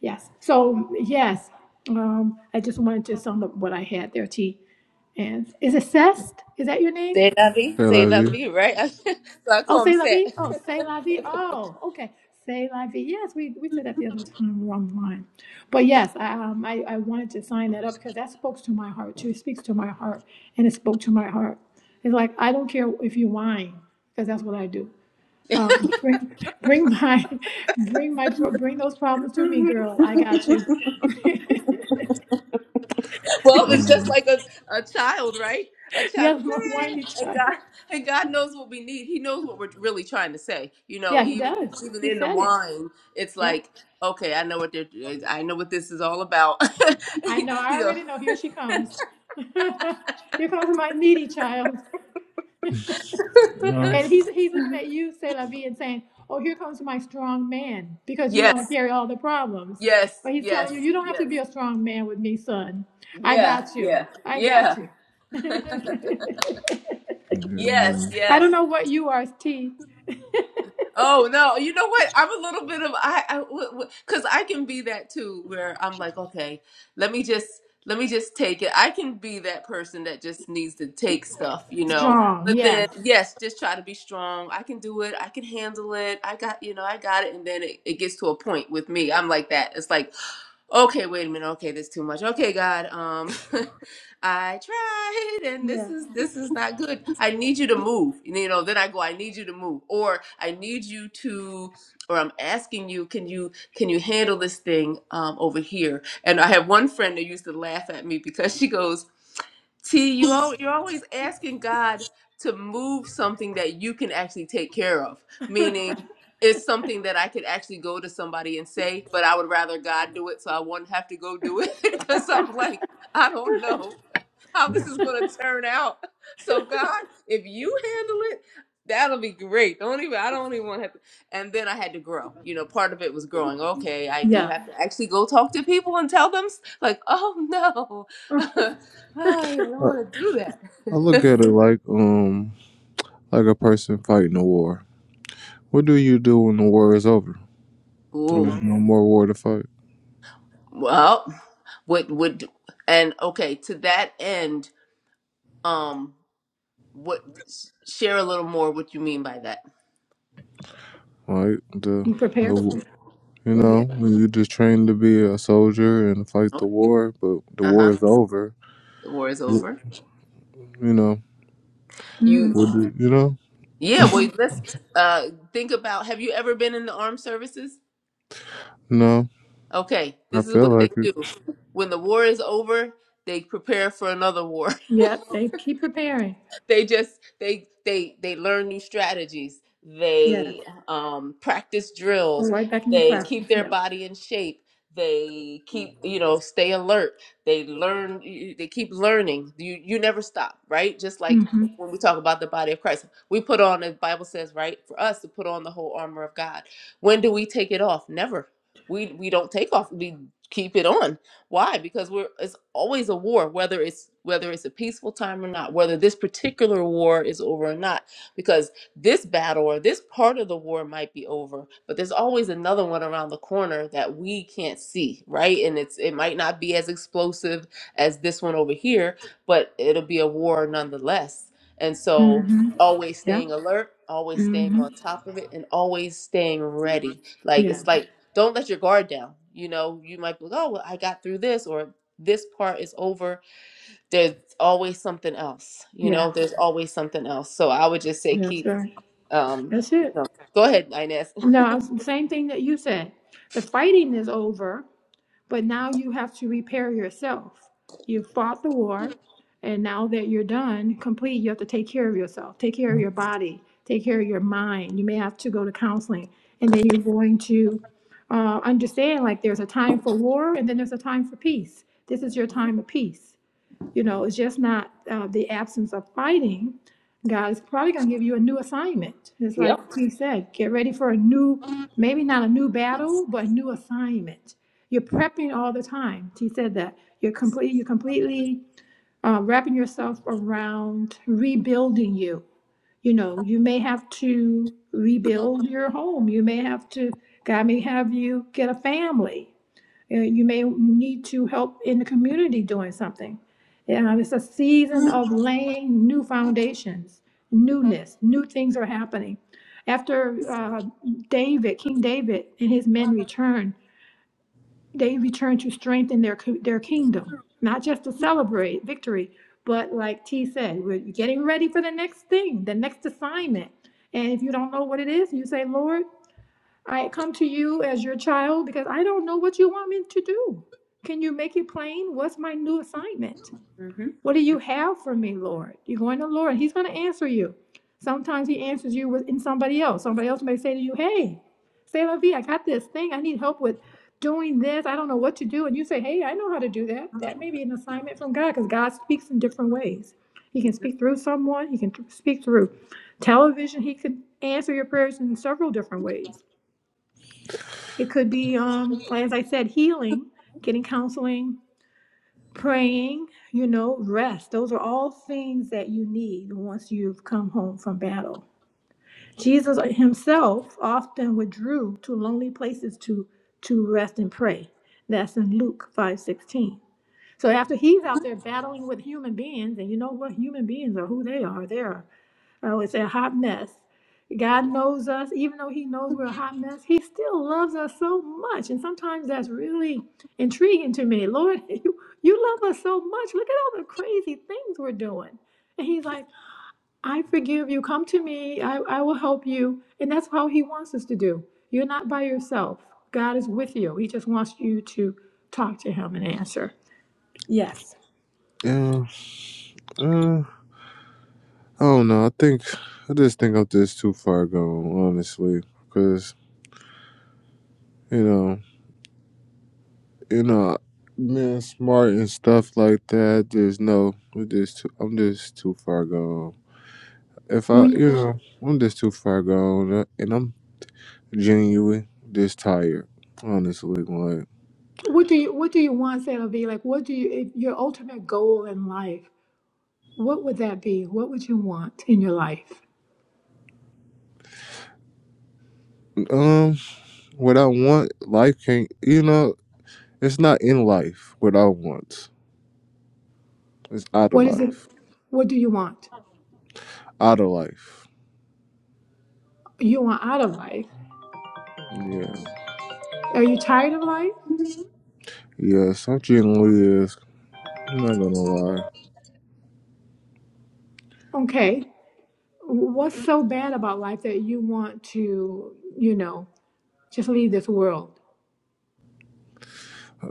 Yes. So, yes, um, I just wanted to sum up what I had there, T. And is it Cest? Is that your name?
Say la vie,
say
say
la
la
vie.
vie, right? so I
Oh,
call him
say la
Seth.
vie. Oh, say la vie. Oh, okay. Say la vie. Yes, we, we said that the other time we were online. But yes, I, um, I, I wanted to sign that up because that spoke to my heart too. It speaks to my heart and it spoke to my heart. It's like, I don't care if you whine because that's what I do. Um, bring, bring my, bring my, pro- bring those problems to me, girl. I got you.
Well, it's
Um,
just like a, a child, right? A child,
yes,
goes,
my whiny
"Eh," and
child.
God and God knows what we need. He knows what we're really trying to say. You know,
Yeah, he
even
does.
even
He
in the
said it.
wine, it's
Yeah.
like, okay, I know what they're, I know what this is all about.
I know. I
you know,
already know. Here she comes. here comes my needy child.
uh,
And he's he's looking at you, C'est la vie, and saying, Oh, here comes my strong man, because you want to
yes,
carry all the problems.
yes,
But he's telling
yes,
you, you don't have to
yes,
be a strong man with me, son. I
yeah,
got you.
yeah,
I got
yeah,
you.
yes,
yeah.
I
yes,
don't know what you are, T.
Oh no, you know what? I'm a little bit of I, I w- w- cuz I can be that too where I'm like, okay, let me just let me just take it. I can be that person that just needs to take stuff, you know.
Strong.
But
Yes.
then yes, just try to be strong. I can do it. I can handle it. I got, you know, I got it and then it, it gets to a point with me. I'm like that. It's like, Okay, wait a minute. Okay, this too much. Okay, God, um, I tried, and this
Yeah.
is this is not good. I need you to move. You know, then I go. I need you to move, or I need you to, or I'm asking you, can you can you handle this thing um, over here? And I have one friend that used to laugh at me because she goes. T, you al- you're always asking God to move something that you can actually take care of. Meaning, it's something that I could actually go to somebody and say, but I would rather God do it, so I wouldn't have to go do it. Because I'm like, I don't know how this is going to turn out. So God, if you handle it, that'll be great. Don't even I don't even want to have to. And then I had to grow. You know, part of it was growing. Okay, I do
Yeah.
have to actually go talk to people and tell them s- like, oh no. I don't
I,
want to do
I look
that.
at it like um like a person fighting a war. What do you do when the war is over? When
Ooh.
there's no more war to fight.
Well, what would and okay, to that end, um what share a little more what you mean by that.
right? The,
You prepare. for-
the you
Go
know,
ahead.
when you just trained to be a soldier and fight the
Okay.
war, but the
Uh-huh.
war is over.
The war is over.
You know,
hmm
You
would you, you know?
yeah, well
Uh-huh.
let's uh think about have you ever been in the armed services?
No,
Okay,
I
this is
feel
what they
like it.
do. When the war is over, they prepare for another war.
Yep. They keep preparing.
they just they they they learn new strategies they um practice
Go
drills
right back into
they keep
practice.
their
Yeah.
body in shape they keep you know stay alert they learn y- they keep learning you you never stop right just like
Mm-hmm.
when we talk about the body of christ we put on as the bible says right for us to put on the whole armor of god when do we take it off never we we don't take off we keep it on why? Because we're it's always a war, whether it's whether it's a peaceful time or not, whether this particular war is over or not, because this battle or this part of the war might be over, but there's always another one around the corner that we can't see, right? And it's it might not be as explosive as this one over here, but it'll be a war nonetheless. And so
Mm-hmm.
always
Yeah.
staying alert, always staying
Mm-hmm.
on top of it, and always staying ready. Like
Yeah,
it's like don't let your guard down. You know, you might be like, oh, well, I got through this, or this part is over. There's always something else. You know,
yeah,
there's always something else. So I would just say
that's
keep.
right.
Um,
That's
you
it.
know, go ahead, Inez.
No, it's the same thing that you said. The fighting is over, but now you have to repair yourself. You fought the war, and now that you're done, complete, you have to take care of yourself, take care of your body, take care of your mind. You may have to go to counseling, and then you're going to uh, understand like there's a time for war, and then there's a time for peace. This is your
Mhm.
time of peace. You know,
mhm.
it's just not uh, the absence of fighting. God is probably going to give you a new assignment. It's like
Yep.
he said, get ready for a new, maybe not a new battle, but a new assignment. You're prepping all the time. He said that you're complete. You're completely uh, wrapping yourself around rebuilding you. You know, you may have to rebuild your home. You may have to. God may have you get a family. Uh, You may need to help in the community doing something. Um, it's a season of laying new foundations, newness, new things are happening. After uh, David, King David, and his men returned, they returned to strengthen their co- their kingdom, not just to celebrate victory, but like T said, we're getting ready for the next thing, the next assignment. And if you don't know what it is, you say, Lord, I come to you as your child because I don't know what you want me to do. Can you make it plain? What's my new assignment?
hmm
What do you have for me, Lord? You're going to the Lord, and He's going to answer you. Sometimes He answers you in somebody else. Somebody else may say to you, Hey, say la vie, I got this thing. I need help with doing this. I don't know what to do. And you say, Hey, I know how to do that. That may be an assignment from God because God speaks in different ways. He can speak through someone, He can speak through television, He can answer your prayers in several different ways. It could be, um, as I said, healing, getting counseling, praying, you know, rest. Those are all things that you need once you've come home from battle. Jesus himself often withdrew to lonely places to to rest and pray. That's in Luke 5:16. So after he's out there battling with human beings, and you know what human beings are, who they are, They're Oh, it's a hot mess. God knows us, even though He knows we're a hot mess, He still loves us so much. And sometimes that's really intriguing to me. Lord, you, you love us so much. Look at all the crazy things we're doing. And He's like, I forgive you. Come to me. I, I will help you. And that's how He wants us to do. You're not by yourself. God is with you. He just wants you to talk to Him and answer. Yes.
Yeah, uh, I don't know. I think I just think I'm just too far gone, honestly, because you know, you know, being smart and stuff like that. There's no, I'm just, too, I'm just too far gone. If I,
When you,
you know, I'm just too far gone, uh, and I'm genuinely just tired. Honestly, like
what do you what do you want, Santa V? Like what do you if your ultimate goal in life? what would that be? What would you want in your life?
um, what I want, life can't. You know, it's not in life what I want. It's out of
What is it?
life.
What do you want?
Out of life.
You want out of life.
Yeah,
Are you tired of life?
yeah. Some genuinely is. I'm not gonna lie.
Okay. What's so bad about life that you want to, you know, just leave this world?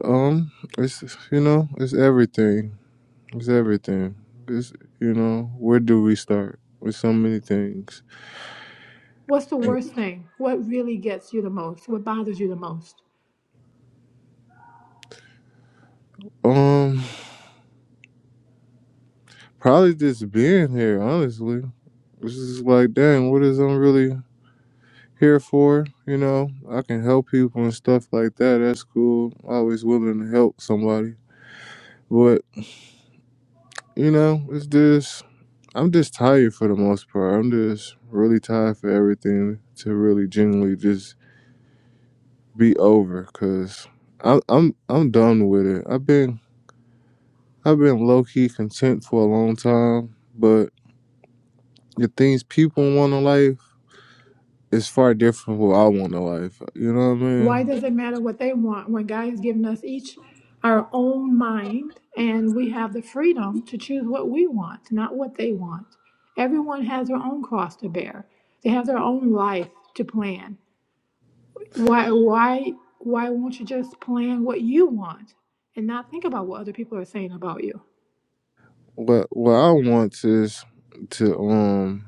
Um, it's you know, it's everything. It's everything. It's you know, where do we start? With so many things.
What's the worst thing? What really gets you the most? What bothers you the most?
um, probably just being here. Honestly, it's just like, dang, what is I'm really? here for. You know, I can help people and stuff like that. That's cool. Always willing to help somebody. But you know, it's just I'm just tired for the most part. I'm just really tired for everything to really genuinely just be over. Cause I'm I'm I'm done with it. I've been I've been low key content for a long time, but the things people want in life is far different from what I want in life. You know what I
Why
mean?
does it matter what they want when God has given us each our own mind and we have the freedom to choose what we want, not what they want? Everyone has their own cross to bear. They have their own life to plan. Why why why won't you just plan what you want and not think about what other people are saying about you?
What what I want is to um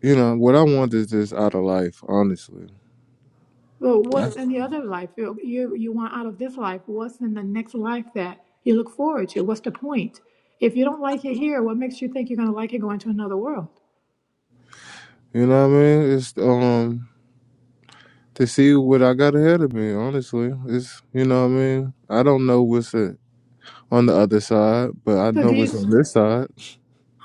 You know, what I want is just out of life, honestly.
Well, what's
That's-
in the other life you you, you want out of this life? What's in the next life that you look forward to? What's the point? If you don't like it here, what makes you think you're going to like it going to another world?
You know what I mean? It's um to see what I got ahead of me, honestly. It's you know what I mean? I don't know what's uh on the other side, but I
So
know
do you,
what's on this side.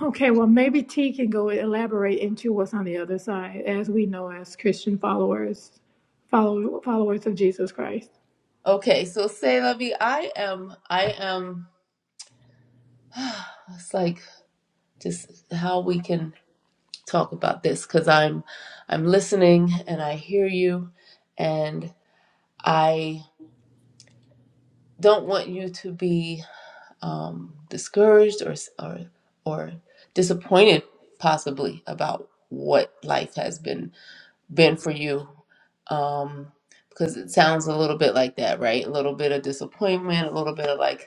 okay, well, maybe T can go elaborate into what's on the other side, as we know as Christian followers, follow, followers of Jesus Christ.
Okay, so say, Lovey, I am, I am. It's like just how we can talk about this because I'm, I'm listening and I hear you, and I don't want you to be um, discouraged or s- or or disappointed possibly about what life has been been for you. Um, because it sounds a little bit like that, right? A little bit of disappointment, a little bit of like,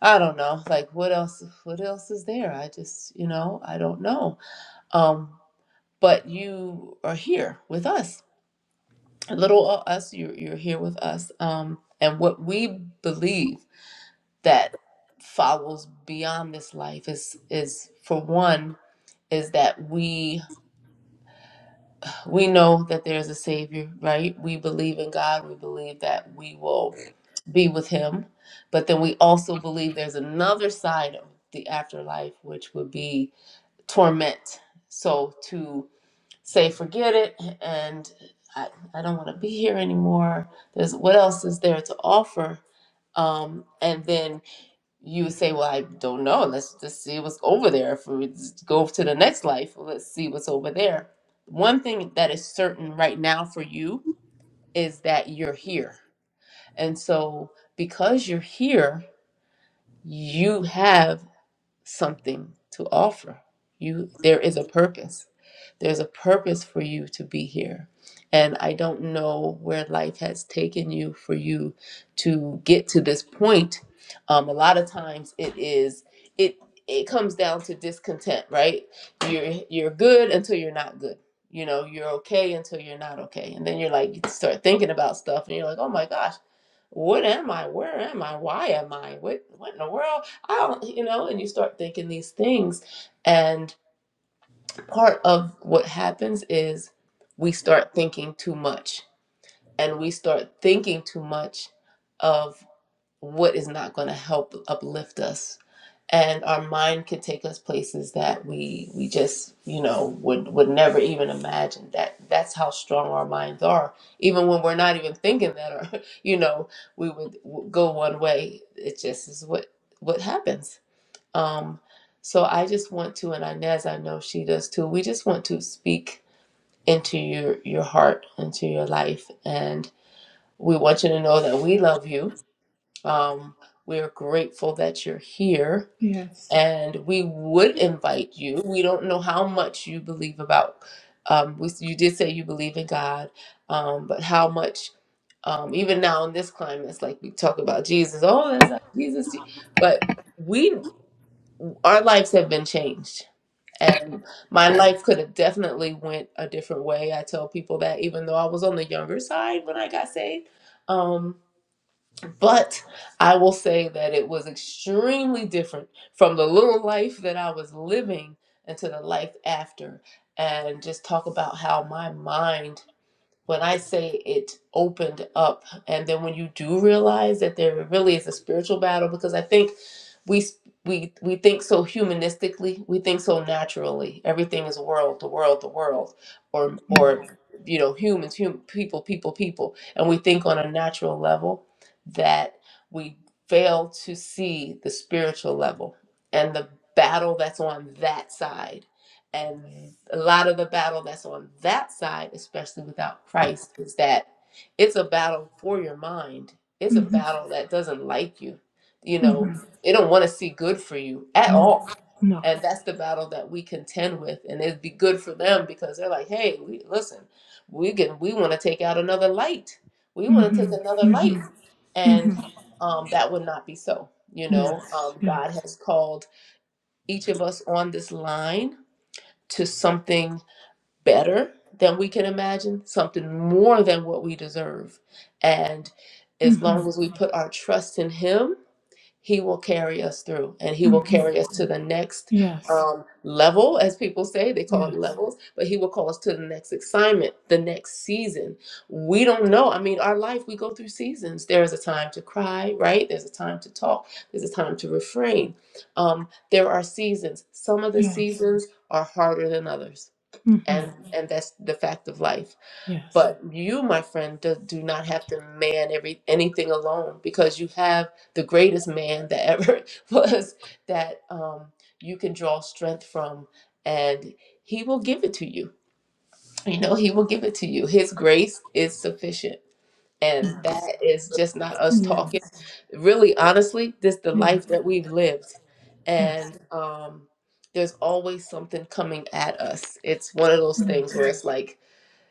I don't know. Like what else what else is there? I just, you know, I don't know. Um but you are here with us. Little o- us, you are you're here with us. Um and what we believe that follows beyond this life is is for one is that we we know that there's a savior, right? We believe in God. We believe that we will be with him. But then we also believe there's another side of the afterlife which would be torment. So to say, forget it, and I, I don't want to be here anymore. There's what else is there to offer? Um, and then you would say, well, I don't know. Let's just see what's over there. If we just go to the next life, let's see what's over there. One thing that is certain right now for you is that you're here. And so because you're here, you have something to offer. You there is a purpose. There's a purpose for you to be here. And I don't know where life has taken you for you to get to this point. Um, a lot of times it is it it comes down to discontent, right? You're you're good until you're not good. You know, you're okay until you're not okay. And then you're like you start thinking about stuff and you're like, oh my gosh, what am I? Where am I? Why am I? What what in the world? I don't, you know, and you start thinking these things. And part of what happens is we start thinking too much and we start thinking too much of what is not going to help uplift us. And our mind could take us places that we we just you know would would never even imagine that that's how strong our minds are. Even when we're not even thinking that, or you know, we would w- go one way. It just is what what happens um, so I just want to, and Inez, I know she does too. We just want to speak into your your heart, into your life, and we want you to know that we love you. Um, we're grateful that you're here,
Yes.
and we would invite you. We don't know how much you believe about. Um, we, you did say you believe in God, um, but how much? Um, even now in this climate, it's like we talk about Jesus. Oh, that's not Jesus, but we our lives have been changed and my life could have definitely went a different way. I tell people that even though I was on the younger side when I got saved. Um, but I will say that it was extremely different from the little life that I was living into the life after. And just talk about how my mind when I say it opened up, and then when you do realize that there really is a spiritual battle, because I think we we we think so humanistically, we think so naturally. Everything is world, the world, the world, or or you know humans, hum, people, people, people, and we think on a natural level that we fail to see the spiritual level and the battle that's on that side and a lot of the battle that's on that side, especially without Christ, is that it's a battle for your mind. It's a
Mm-hmm.
battle that doesn't like you. You know,
Mm-hmm.
they don't want to see good for you at
No.
all.
No.
And that's the battle that we contend with. And it'd be good for them because they're like, hey, we listen, we can we want to take out another light. We want to
Mm-hmm.
take another
Mm-hmm.
light. And
Mm-hmm.
um, that would not be so. You know,
Yes.
um,
Yeah.
God has called each of us on this line to something better than we can imagine, something more than what we deserve. And as
Mm-hmm.
long as we put our trust in Him, He will carry us through and He will
Mm-hmm.
carry us to the next
Yes.
um, level, as people say. They call it
Yes.
levels, but He will call us to the next assignment, the next season. We don't know. I mean, our life, we go through seasons. There is a time to cry, right? There's a time to talk, there's a time to refrain. Um, there are seasons. Some of the
Yes.
seasons are harder than others
Mm-hmm.
and and that's the fact of life
Yes.
but you my friend do, do not have to man every anything alone because you have the greatest man that ever was that um, you can draw strength from and he will give it to you you know he will give it to you his grace is sufficient
Yes.
and that is just not us
Yeah.
talking really honestly this the
Yeah.
life that we've lived
Yes.
and um there's always something coming at us it's one of those things
Yes.
where it's like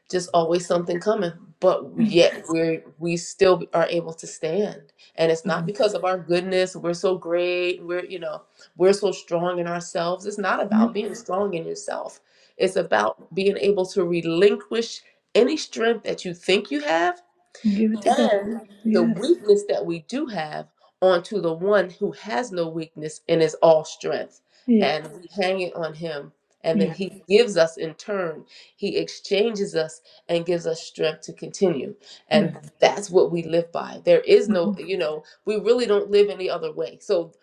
just always something coming but
Yes.
yet we're we still are able to stand and it's
Yes.
not because of our goodness we're so great we're you know we're so strong in ourselves it's not
Yep.
about being strong in yourself it's about being able to relinquish any strength that you think you have
Give it to God.
and the
Yes.
weakness that we do have onto the one who has no weakness and is all strength.
Yes.
And we hang it on him. And then
Yes.
he gives us in turn, he exchanges us and gives us strength to continue.
Yeah.
And that's what we live by. There is no,
hmm
you know, we really don't live any other way. So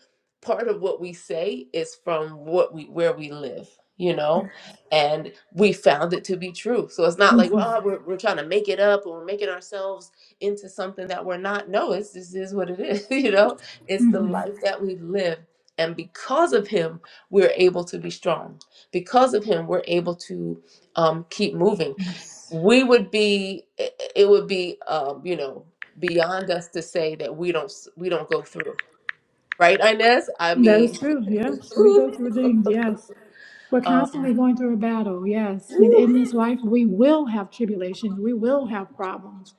part of what we say is from what we where we live, you know, and we found it to be true. So it's not like, well, we're, we're trying to make it up or we're making ourselves into something that we're not. No, it's this is what it is. You know, it's the
hmm
life that we live. And because of him, we're able to be strong. Because of him, we're able to um, keep moving.
Yes.
We would be, it it would be, um, you know, beyond us to say that we don't, s- we don't go through, right, Inez? I
That
mean,
is true. Yes. So We go
ooh.
through things. Yes. We're
um,
constantly going through a battle. Yes. In,
whew.
in this life, we will have tribulations. We will have problems.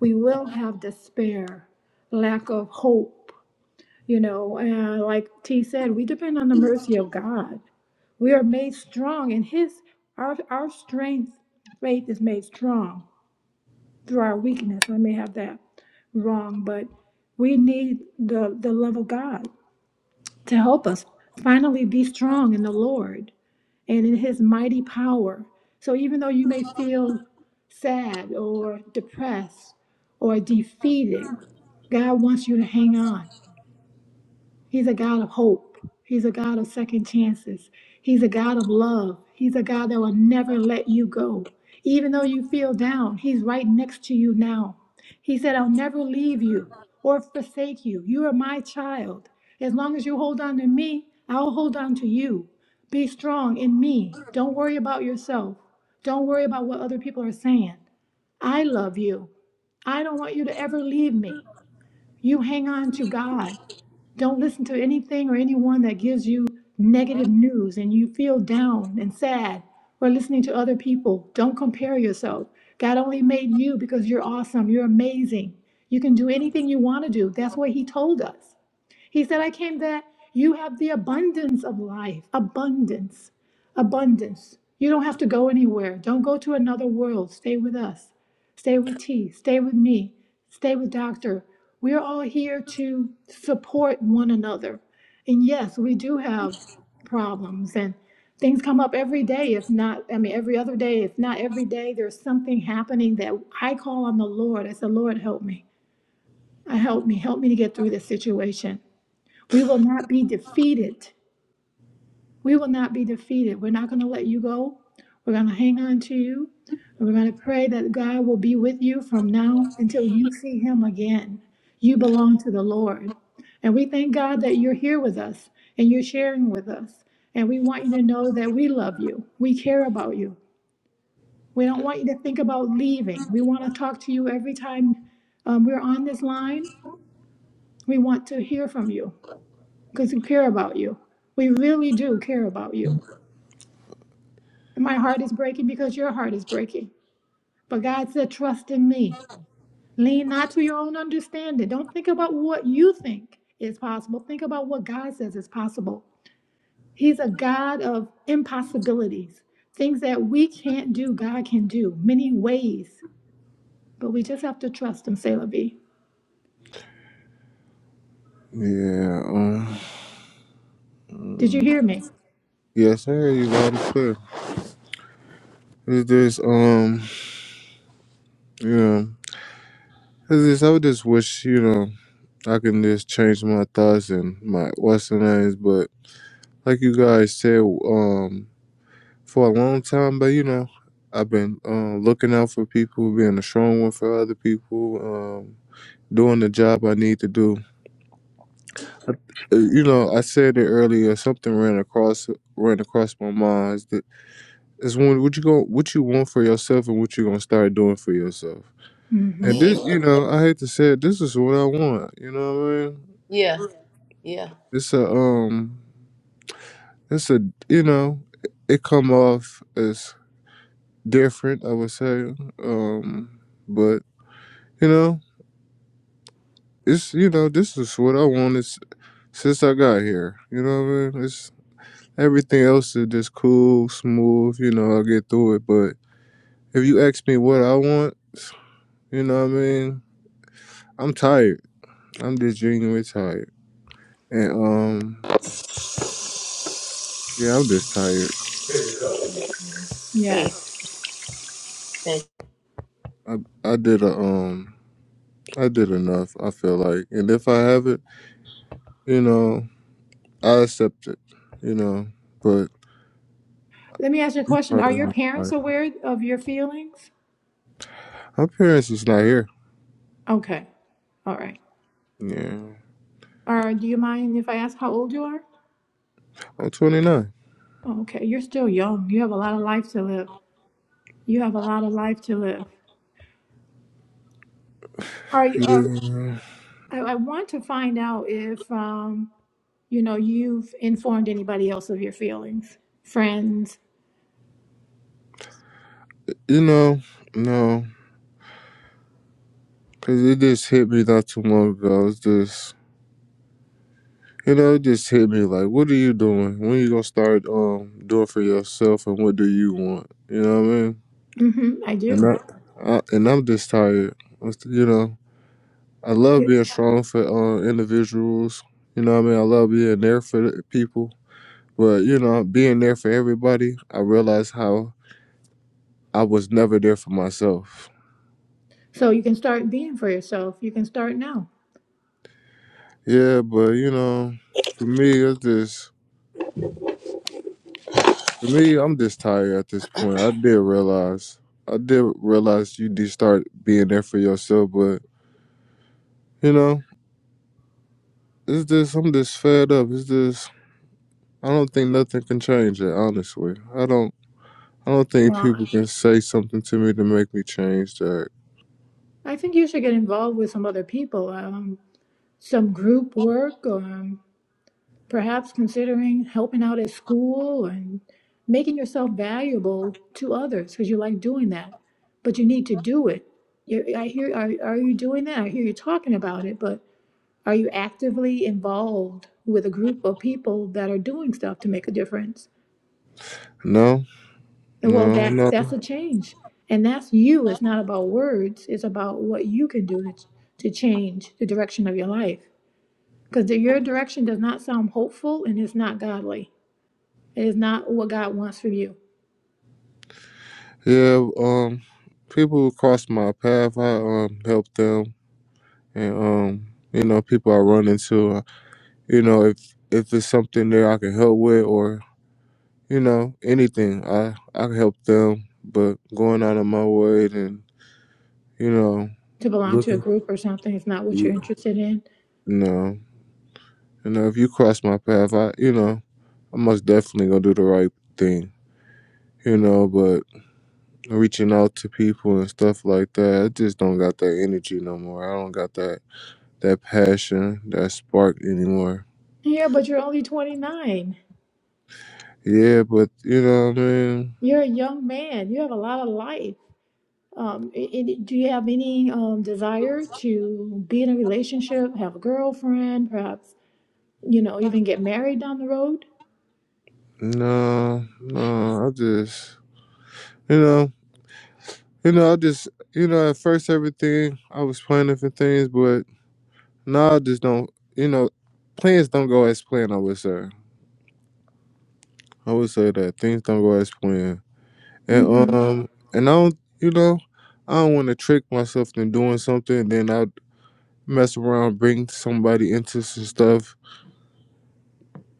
We will have despair, lack of hope. You know, and like T said, we depend on the mercy of God. We are made strong in His, our, our strength, faith is made strong through our weakness. I may have that wrong, but we need the, the love of God to help us. Finally, be strong in the Lord and in his mighty power. So even though you may feel sad or depressed or defeated, God wants you to hang on. He's a God of hope. He's a God of second chances. He's a God of love. He's a God that will never let you go. Even though you feel down, He's right next to you now. He said, I'll never leave you or forsake you. You are my child. As long as you hold on to me, I'll hold on to you. Be strong in me. Don't worry about yourself. Don't worry about what other people are saying. I love you. I don't want you to ever leave me. You hang on to God. Don't listen to anything or anyone that gives you negative news and you feel down and sad or listening to other people. Don't compare yourself. God only made you because you're awesome. You're amazing. You can do anything you want to do. That's what He told us. He said, I came that you have the abundance of life, abundance, abundance. You don't have to go anywhere. Don't go to another world. Stay with us. Stay with T. Stay with me. Stay with Doctor. We're all here to support one another. And yes, we do have problems and things come up every day, if not, I mean, every other day, if not every day, there's something happening that I call on the Lord. I said, Lord, help me. Uh, Help me. Help me to get through this situation we will not be defeated. We will not be defeated. We're not going to let you go. We're going to hang on to you. And we're going to pray that God will be with you from now until you see him again. You belong to the Lord. And we thank God that you're here with us and you're sharing with us. And we want you to know that we love you. We care about you. We don't want you to think about leaving. We want to talk to you every time um, we're on this line. We want to hear from you. because we care about you. We really do care about you. And my heart is breaking because your heart is breaking. But God said, trust in me. Lean not to your own understanding. Don't think about what you think is possible. Think about what God says is possible. He's a God of impossibilities. Things that we can't do, God can do many ways. But we just have to trust Him, Selah B.
Yeah, um
Did you hear me?
Yes, sir, you loud and clear. It's just um you know it's just, I would just wish, you know, I can just change my thoughts and my what's the names, but like you guys said, um for a long time, but you know, I've been uh, looking out for people, being a strong one for other people, um, doing the job I need to do. I- uh, You know, I said it earlier. Something ran across ran across my mind. Is that is when what you go, what you want for yourself, and what you gonna start doing for yourself.
hmm
And this,
Eh,
you know, I hate to say it, this is what I want. You know what I mean?
yeah, yeah.
It's a um, it's a you know, it come off as different. I would say, um, but You know, it's you know, this is what I wanted s- since I got here. You know what I mean? It's everything else is just cool, smooth. You know, I get through it. But if you ask me what I want, you know what I mean? I'm tired. I'm just genuinely tired. And um, yeah, I'm just tired.
Hey,
Yes.
Thank-
I I did a um, I did enough. I feel like, and if I have it, you know, I accept it. You know, but
Let me ask you a
I'm
question. Are your parents
tired.
aware of your feelings?
my parents is not here.
Okay. All right.
Yeah,
Or do you mind if I ask how old you are?
I'm 29.
Okay, you're still young. You have a lot of life to live. You have a lot of life to live. Are you? Uh,
Yeah.
I, I want to find out if um, you know you've informed anybody else of your feelings, friends.
You know, no, because it just hit me not too long ago. It's just, you know, it just hit me like, what are you doing? When you gonna start um doing for yourself, and what do you want? You know what I mean?
hmm I
And
do.
I, I and I'm just tired. It's- You know, I love
Yeah.
being strong for uh, individuals. You know what I mean? I love being there for the people, but you know, being there for everybody, I realized how I was never there for myself.
So you can start being for yourself. You can start now.
Yeah, but you know, for me, it's just. For me, I'm just tired at this point. I did realize, I did realize you did start being there for yourself, but you know, it's just I'm just fed up. It's just I don't think nothing can change it. Honestly, I don't. I don't think
Well,
people can say something to me to make me change that.
I think you should get involved with some other people, um, some group work, or perhaps considering helping out at school and making yourself valuable to others because you like doing that but you need to do it you i hear are, are you doing that i hear you talking about it but are you actively involved with a group of people that are doing stuff to make a difference
No,
and well
no,
that's
no.
that's a change and that's you it's not about words it's about what you can do to, to change the direction of your life because your direction does not sound hopeful and it's not godly It is not what God wants for you
Yeah, um, people who cross my path, I um help them, and um, you know, people I run into, you know, if if it's something there I can help with, or. you know, anything. I I can help them, but going out of my way and you know,
to belong to a
looking,
group or something. It's not what you're
you
interested in.
know, you know, if you cross my path, I you know, I most definitely gonna do the right thing, you know. But reaching out to people and stuff like that, I just don't got that energy no more. I don't got that that passion, that spark anymore.
Yeah, but you're only 29.
Yeah, but you know what I mean.
You're a young man. You have a lot of life. Um, i- i- do you have any um, desire to be in a relationship, have a girlfriend, perhaps you know even get married down the road?
No, no, I just, you know, You know, I just, you know, at first everything I was planning for things, but now I just don't, you know, plans don't go as planned. I would say, I would say that things don't go as planned, and
Mm-hmm.
um, and I don't, you know, I don't want to trick myself into doing something, and then I mess around, bring somebody into some stuff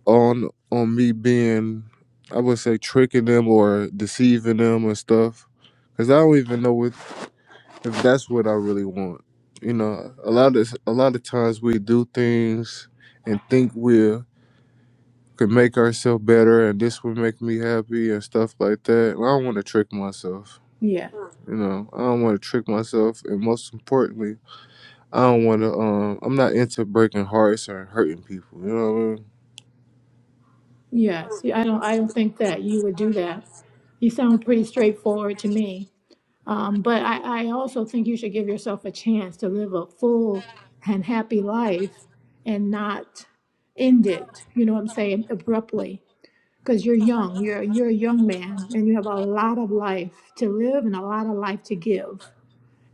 on on me being, I would say, tricking them or deceiving them and stuff, because I don't even know what if that's what I really want. You know, a lot of a lot of times we do things and think we could make ourselves better, and this would make me happy and stuff like that. And I don't want to trick myself.
Yeah.
You know, I don't want to trick myself, and most importantly, I don't want to. Um, I'm not into breaking hearts or hurting people. You know, what I mean?
Yes. Yeah, I don't. I don't think that you would do that. You sound pretty straightforward to me. Um, but I, I also think you should give yourself a chance to live a full and happy life and not end it, you know what I'm saying, abruptly. Because you're young, you're you're a young man and you have a lot of life to live and a lot of life to give.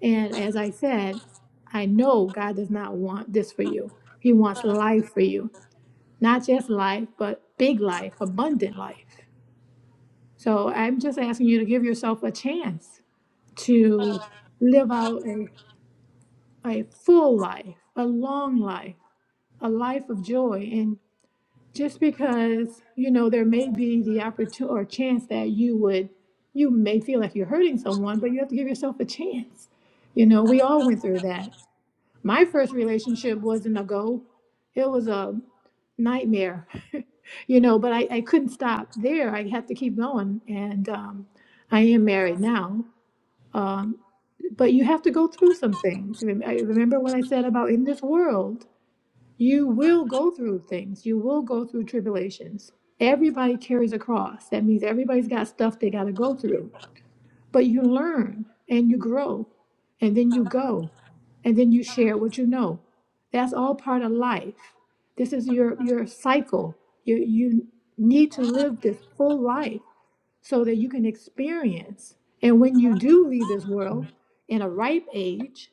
And as I said, I know God does not want this for you. He wants life for you. Not just life, but big life, abundant life. So I'm just asking you to give yourself a chance to live out a, a full life, a long life, a life of joy. And just because, you know, there may be the opportunity or chance that you would, you may feel like you're hurting someone, but you have to give yourself a chance. You know, we all went through that. My first relationship wasn't a go, it was a nightmare, you know, but I, I couldn't stop there. I had to keep going. And um, I am married now. Um, but you have to go through some things. Rem- I- Remember when I said about in this world, you will go through things, you will go through tribulations. Everybody carries a cross. That means everybody's got stuff they got to go through. But you learn and you grow, and then you go, and then you share what you know. That's all part of life. This is your your cycle. You you need to live this full life so that you can experience. And when you do leave this world in a ripe age,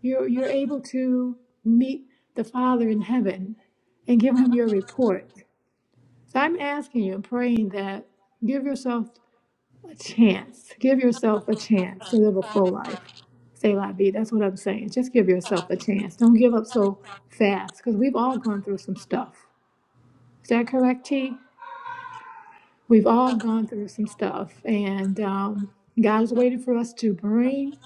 you're, you're able to meet the Father in heaven and give him your report. So I'm asking you and praying that give yourself a chance. Give yourself a chance to live a full life. Say la vie. That's what I'm saying. Just give yourself a chance. Don't give up so fast because we've all gone through some stuff. Is that correct, T? We've all gone through some stuff, and um, God is waiting for us to bring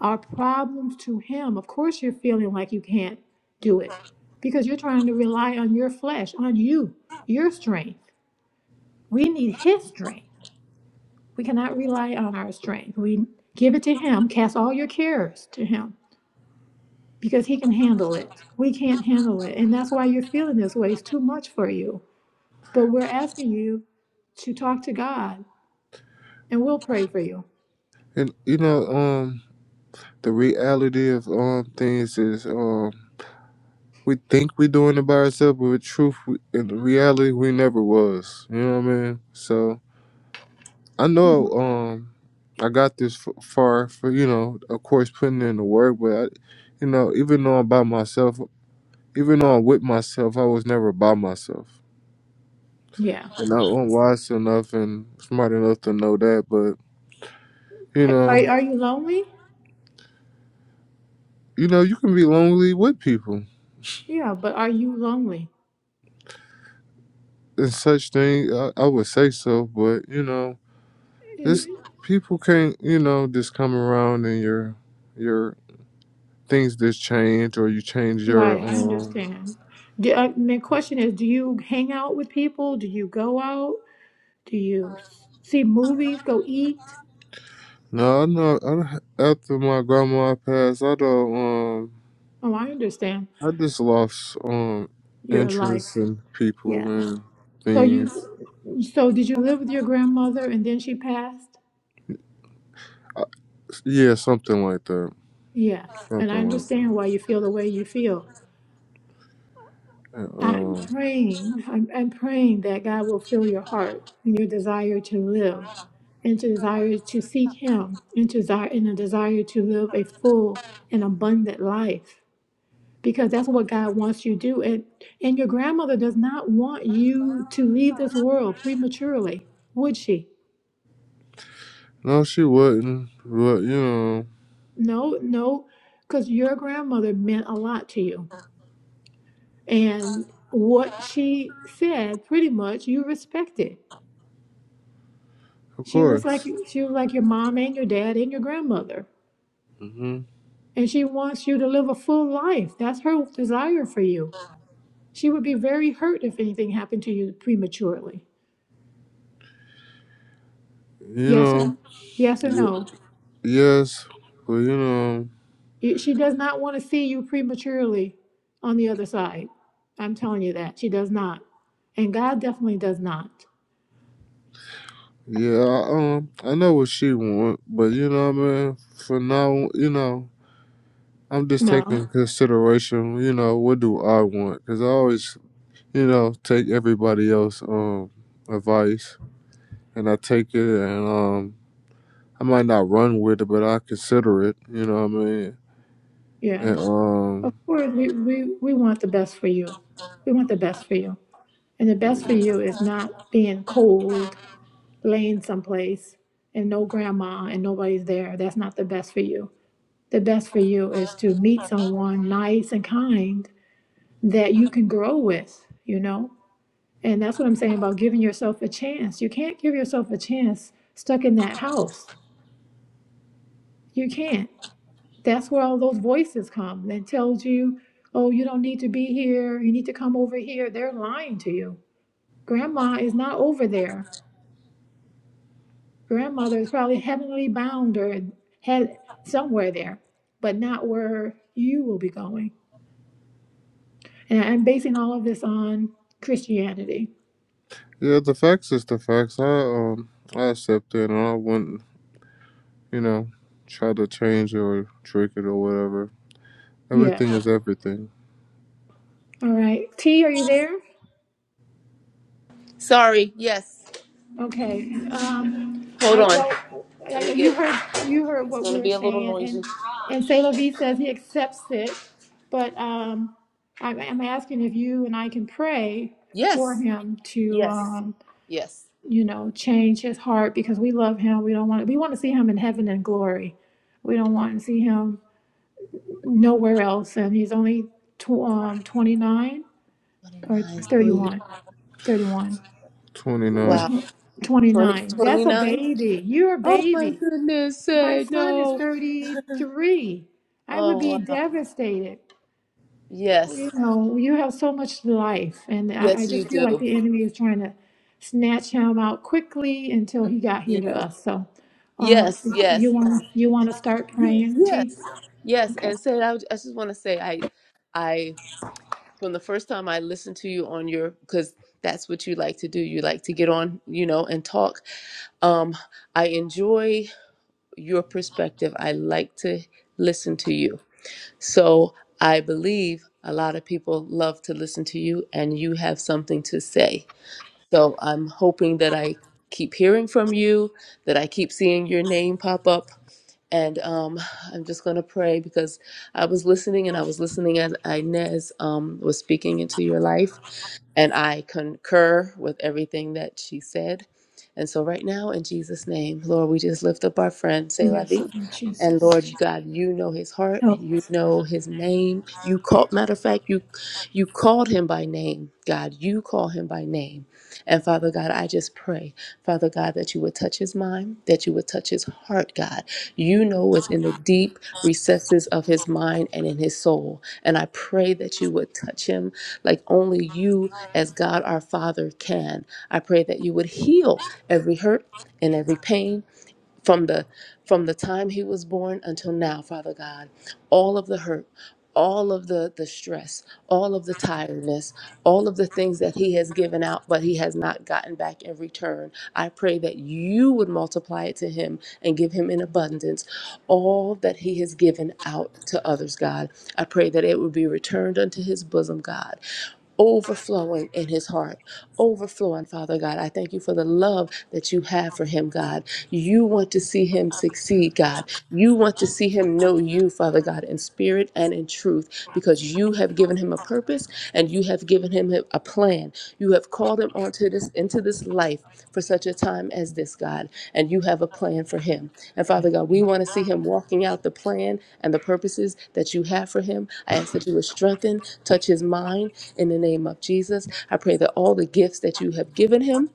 our problems to Him. Of course, you're feeling like you can't do it because you're trying to rely on your flesh, on you, your strength. We need His strength. We cannot rely on our strength. We give it to Him, cast all your cares to Him because He can handle it. We can't handle it. And that's why you're feeling this way. It's too much for you. But we're asking you to talk to God, and we'll pray for you.
and you know, um, the reality of um things is um we think we doing it by ourselves, but with truth, we, in reality, we never was. You know what I mean? So I know um, I got this f- far for you know, of course, putting in the work, but I, you know, even though I'm by myself, even though I'm with myself, I was never by myself,
Yeah.
and I- I'm wise enough and smart enough to know that. But you
Are, are,
know,
are you lonely?
you know, you can be lonely with people
Yeah, but are you lonely?
and such thing. I, I would say so, but you know. This
You-
people can't, you know, just come around and your your things just change or you change your
Right, I
um.
understand. Do, uh, my question is, do you hang out with people? Do you go out? Do you s- see movies? Go eat?
No, I know. I, don't- after my grandma passed, I don't. Um,
Oh, I understand
I just lost um
your
interest
life.
in people
Yes.
and
So
things.
you, so did you live with your grandmother and then she passed?
I, yeah, something like that.
Yes, and I
Something like
understand why
that.
you feel the way you feel.
And,
I'm
um,
praying, I'm, I'm praying that God will fill your heart and your desire to live and to desire to seek Him and to desire and a desire to live a full and abundant life. Because that's what God wants you to do. And and your grandmother does not want you to leave this world prematurely, would she?
no, she wouldn't. But you know,
No, no, because your grandmother meant a lot to you. And what she said, pretty much, you respected
of
She was like
course.
she was like your mom and your dad and your grandmother.
hmm
And she wants you to live a full life. That's her desire for you. She would be very hurt if anything happened to you prematurely.
You
Yes or
know.
yes or
Y-
no.
yes, but you know.
Y- She does not want to see you prematurely on the other side. I'm telling you that. She does not. And God definitely does not.
Yeah, I, um, I know what she want, but you know what I mean. For now, you know, I'm just taking
No.
consideration. You know, what do I want? Cause I always, you know, take everybody else um advice, and I take it, and um, I might not run with it, but I consider it. You know what I mean? And
Yes. Of
um,
course we, we, we want the best for you. We want the best for you. And the best for you is not being cold laying someplace and no grandma and nobody's there, that's not the best for you. The best for you is to meet someone nice and kind that you can grow with, you know? And that's what I'm saying about giving yourself a chance. You can't give yourself a chance stuck in that house. You can't. That's where all those voices come that tells you, oh, you don't need to be here. You need to come over here. They're lying to you. Grandma is not over there. grandmother is probably heavenly bound or head somewhere there, but not where you will be going. And I'm basing all of this on Christianity.
yeah, the facts is the facts. I um, I accept it, and I wouldn't, you know, try to change it or trick it or whatever. Everything
Yes.
is everything.
All right. T, are you there?
Sorry. Yes.
Okay. Um,
Hold
I
on.
well, I,
Let me
you
get.
heard you heard
It's
what we
gonna
were
be a little
saying,
noisy.
and and Sailor V says he accepts it, but um, I, I'm asking if you and I can pray for
Yes,
him to
yes,
um,
yes.
you know, change his heart because we love him. We don't want to, we want to see him in heaven and glory. We don't want to see him nowhere else. And he's only tw- um, 29 or
29. So
thirty
you,
one, 31. which
29.
wow.
one?
20
29. That's
twenty
a
nine.
baby. You're a
Oh my
baby.
goodness,
My
say
son is
no.
33. I would be
Oh wow.
devastated. you
Yes,
know, you have so much life, and I, I
yes, you
just feel like
do.
the enemy is trying to snatch him out quickly until he got here to
Yes,
us. So, um,
yes,
you
yes,
want to you want to start
yes,
praying, T?
yes. yes.
Okay.
And say, I, would- I just want to say, I, I, from the first time I listened to you on your, because that's what you like to do. You like to get on, you know, and talk. Um, I enjoy. your perspective. I like to listen to you. So I believe a lot of people love to listen to you and you have something to say. So I'm hoping that I keep hearing from you, that I keep seeing your name pop up. And um, I'm just going to pray because I was listening and I was listening as Inez um, was speaking into your life. And I concur with everything that she said. And so, right now, in Jesus' name, Lord, we just lift up our friend, Say La
Yes,
Vie.
Lord
And
Jesus,
Lord God, you know his heart,
help
you
us.
know his name. You called, matter of fact, you you called him by name, God. You call him by name. And Father God, I just pray, Father God, that you would touch his mind, that you would touch his heart, God. You know what's in the deep recesses of his mind and in his soul. And I pray that you would touch him like only you, as God our Father, can. I pray that you would heal every hurt and every pain from the from the time he was born until now father god all of the hurt all of the the stress all of the tiredness all of the things that he has given out but he has not gotten back in return i pray that you would multiply it to him and give him in abundance all that he has given out to others god i pray that it would be returned unto his bosom god overflowing in his heart, overflowing, Father God. I thank you for the love that you have for him, God. You want to see him succeed, God. You want to see him know you, Father God, in spirit and in truth, because you have given him a purpose and you have given him a plan. You have called him onto this into this life for such a time as this, God, and you have a plan for him. And Father God, we want to see him walking out the plan and the purposes that you have for him. I ask that you would strengthen, touch his mind, in the name of Jesus, I pray that all the gifts that you have given him,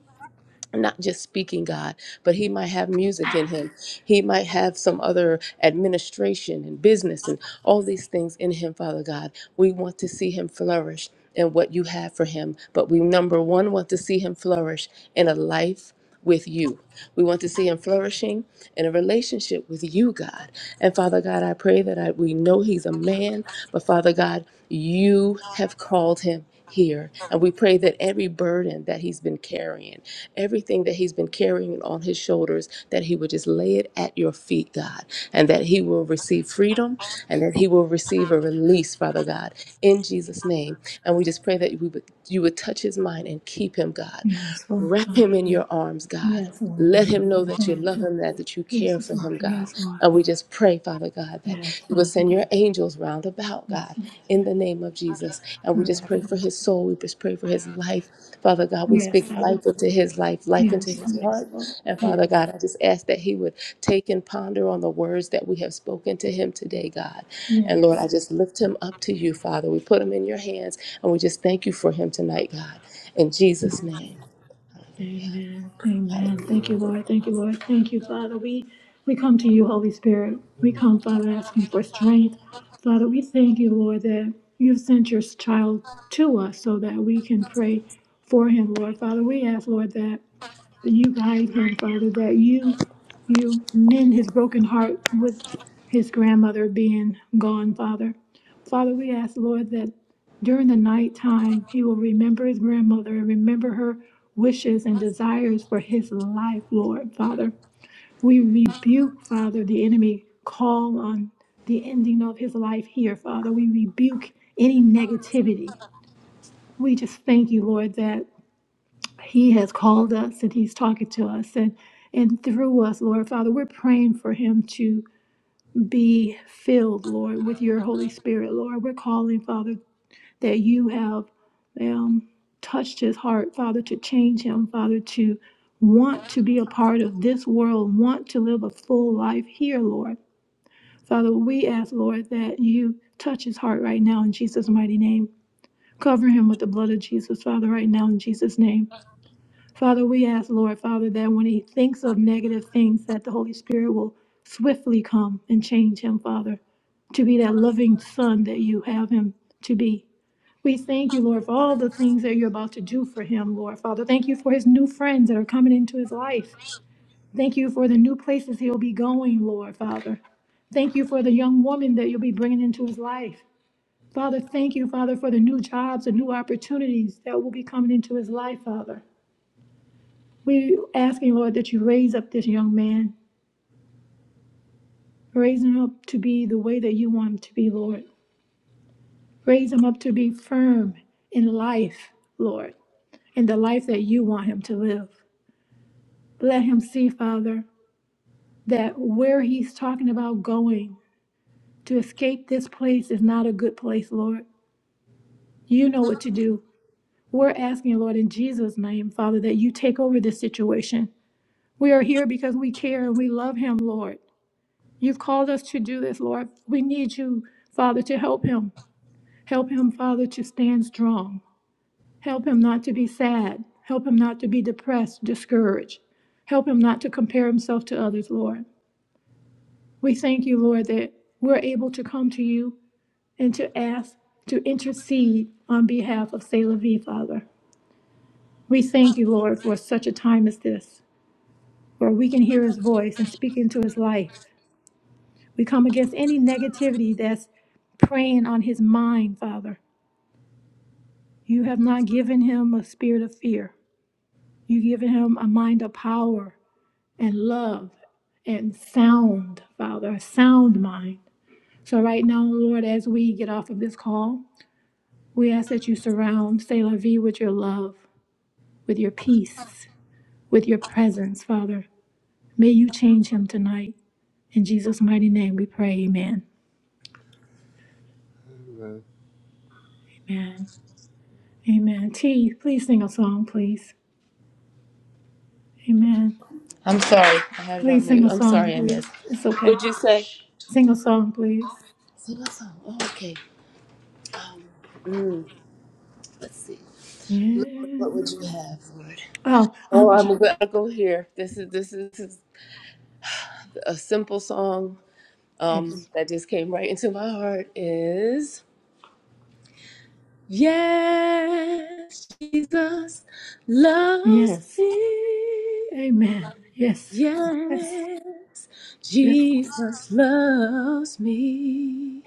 not just speaking God, but he might have music in him. He might have some other administration and business and all these things in him, Father God. We want to see him flourish in what you have for him, but we, number one, want to see him flourish in a life with you. We want to see him flourishing in a relationship with you, God. And Father God, I pray that I, we know he's a man, but Father God, you have called him here. And we pray that every burden that he's been carrying, everything that he's been carrying on his shoulders, that he would just lay it at your feet, God, and that he will receive freedom and that he will receive a release, Father God, in Jesus' name. And we just pray that we would, you would touch his mind and keep him, God.
Yes, Lord
Wrap him
God.
in your arms, God.
Yes, Lord
Let
Holy
him know
Spirit.
that you
Thank you,
love
Lord
him, that, that you care
Jesus,
for
Lord.
him, God.
Yes, Lord.
And we just pray, Father God, that
Yes,
you will
Father.
send your angels round about,
Yes,
God,
Lord.
in the name of Jesus. And we just
Yes,
pray for his soul. We just pray for his life. Father God, we
yes,
speak
Father.
life into his life, life into
Yes,
his
yes,
heart.
Lord.
And Father
Yes,
God, I just ask that he would take and ponder on the words that we have spoken to him today, God. And Lord,
yes.
I just lift him up to you, Father. We put him in your hands and we just thank you for him tonight, God. In
yes.
Jesus' name. Hallelujah.
Amen. Amen.
Hallelujah.
Thank
Amen.
you, Lord. Thank you, Lord. Thank you, Father. We we come to you, Holy Spirit. We come, Father, asking for strength. Father, we thank you, Lord, that you've sent your child to us so that we can pray for him, Lord. Father, we ask, Lord, that that you guide him, Father, that you you mend his broken heart with his grandmother being gone, Father. Father, we ask, Lord, that during the night time he will remember his grandmother and remember her wishes and desires for his life, Lord, Father. We rebuke, Father, the enemy call on the ending of his life here, Father. We rebuke any negativity. We just thank you, Lord, that he has called us and he's talking to us and and through us, Lord Father, we're praying for him to be filled, Lord, with your Holy Spirit, Lord. We're calling, Father, that you have um, touched his heart, Father, to change him, Father, to want to be a part of this world, want to live a full life here, Lord. Father, we ask, Lord, that you touch his heart right now in Jesus' mighty name. Cover him with the blood of Jesus, Father, right now in Jesus' name. Father, we ask, Lord, Father, that when he thinks of negative things, that the Holy Spirit will swiftly come and change him, Father, to be that loving son that you have him to be. We thank you, Lord, for all the things that you're about to do for him, Lord, Father. Thank you for his new friends that are coming into his life. Thank you for the new places he'll be going, Lord, Father. Thank you for the young woman that you'll be bringing into his life. Father, thank you, Father, for the new jobs and new opportunities that will be coming into his life, Father. We asking, Lord, that you raise up this young man, raise him up to be the way that you want him to be, Lord. Raise him up to be firm in life, Lord, in the life that you want him to live. Let him see, Father, that where he's talking about going to escape this place is not a good place, Lord. You know what to do. We're asking, Lord, in Jesus' name, Father, that you take over this situation. We are here because we care and we love him, Lord. You've called us to do this, Lord. We need you, Father, to help him. Help him, Father, to stand strong. Help him not to be sad. Help him not to be depressed, discouraged. Help him not to compare himself to others, Lord. We thank you, Lord, that we're able to come to you and to ask to intercede on behalf of Selah V, Father. We thank you, Lord, for such a time as this, where we can hear his voice and speak into his life We come against any negativity that's preying on his mind, Father. You have not given him a spirit of fear. You've given him a mind of power and love and sound, Father, a sound mind. So, right now, Lord, as we get off of this call, we ask that you surround Selah V with your love, with your peace, with your presence, Father. May you change him tonight. In Jesus' mighty name we pray, amen.
Amen.
Amen. Amen. T, please sing a song, please. Amen.
I'm sorry. I had it on
Please sing
mute.
a
I'm
song,
sorry, I missed.
please. It's okay.
Would you say?
Sing a song, please.
Sing a song. Oh, okay. Um, let's see.
Yeah.
Lord, what would you have, Lord?
Oh,
Oh,
um, j-
I'm gonna go here. This is this is, this is a simple song um,
yes.
that just came right into my heart. Is yes, Jesus loves
Yes.
me.
Amen. Yes. Yes.
Yes,
Yes.
Jesus loves me.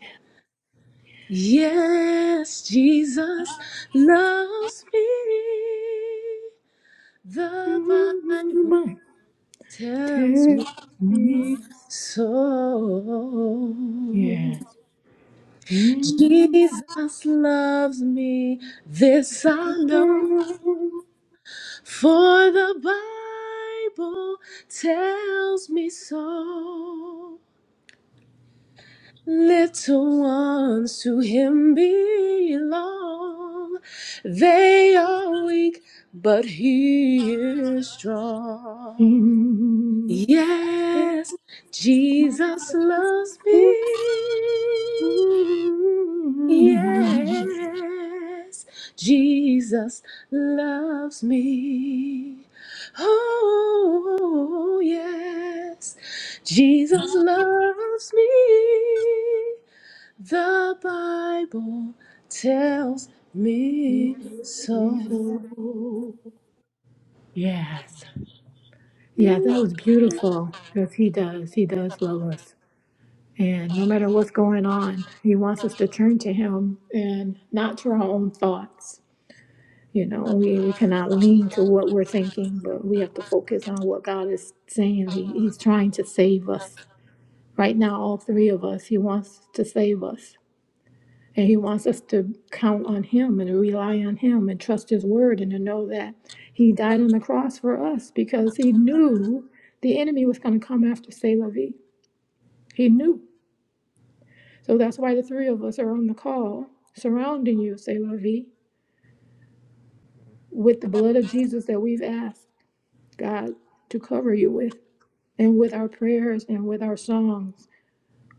Yes, Jesus loves me. The Bible
Mm,
tells me
Take me.
so.
Yes. In
Jesus loves me, this
the
I know, for the Bible tells me so. Little ones to him belong. They are weak, but he is strong.
in the
Yes, Jesus loves me.
mm,
Yes, Jesus loves me. Oh, yes, Jesus loves me. The Bible tells
let
me
me
so.
flow. Yes. Yeah, that was beautiful because he does. He does love us. And no matter what's going on, he wants us to turn to him and not to our own thoughts. You know, we, we cannot lean to what we're thinking, but we have to focus on what God is saying. He, he's trying to save us. Right now, all three of us, he wants to save us. And he wants us to count on him and to rely on him and trust his word and to know that he died on the cross for us because he knew the enemy was going to come after Selavie. He knew. So that's why the three of us are on the call, surrounding you, Selavie, with the blood of Jesus that we've asked God to cover you with, and with our prayers and with our songs.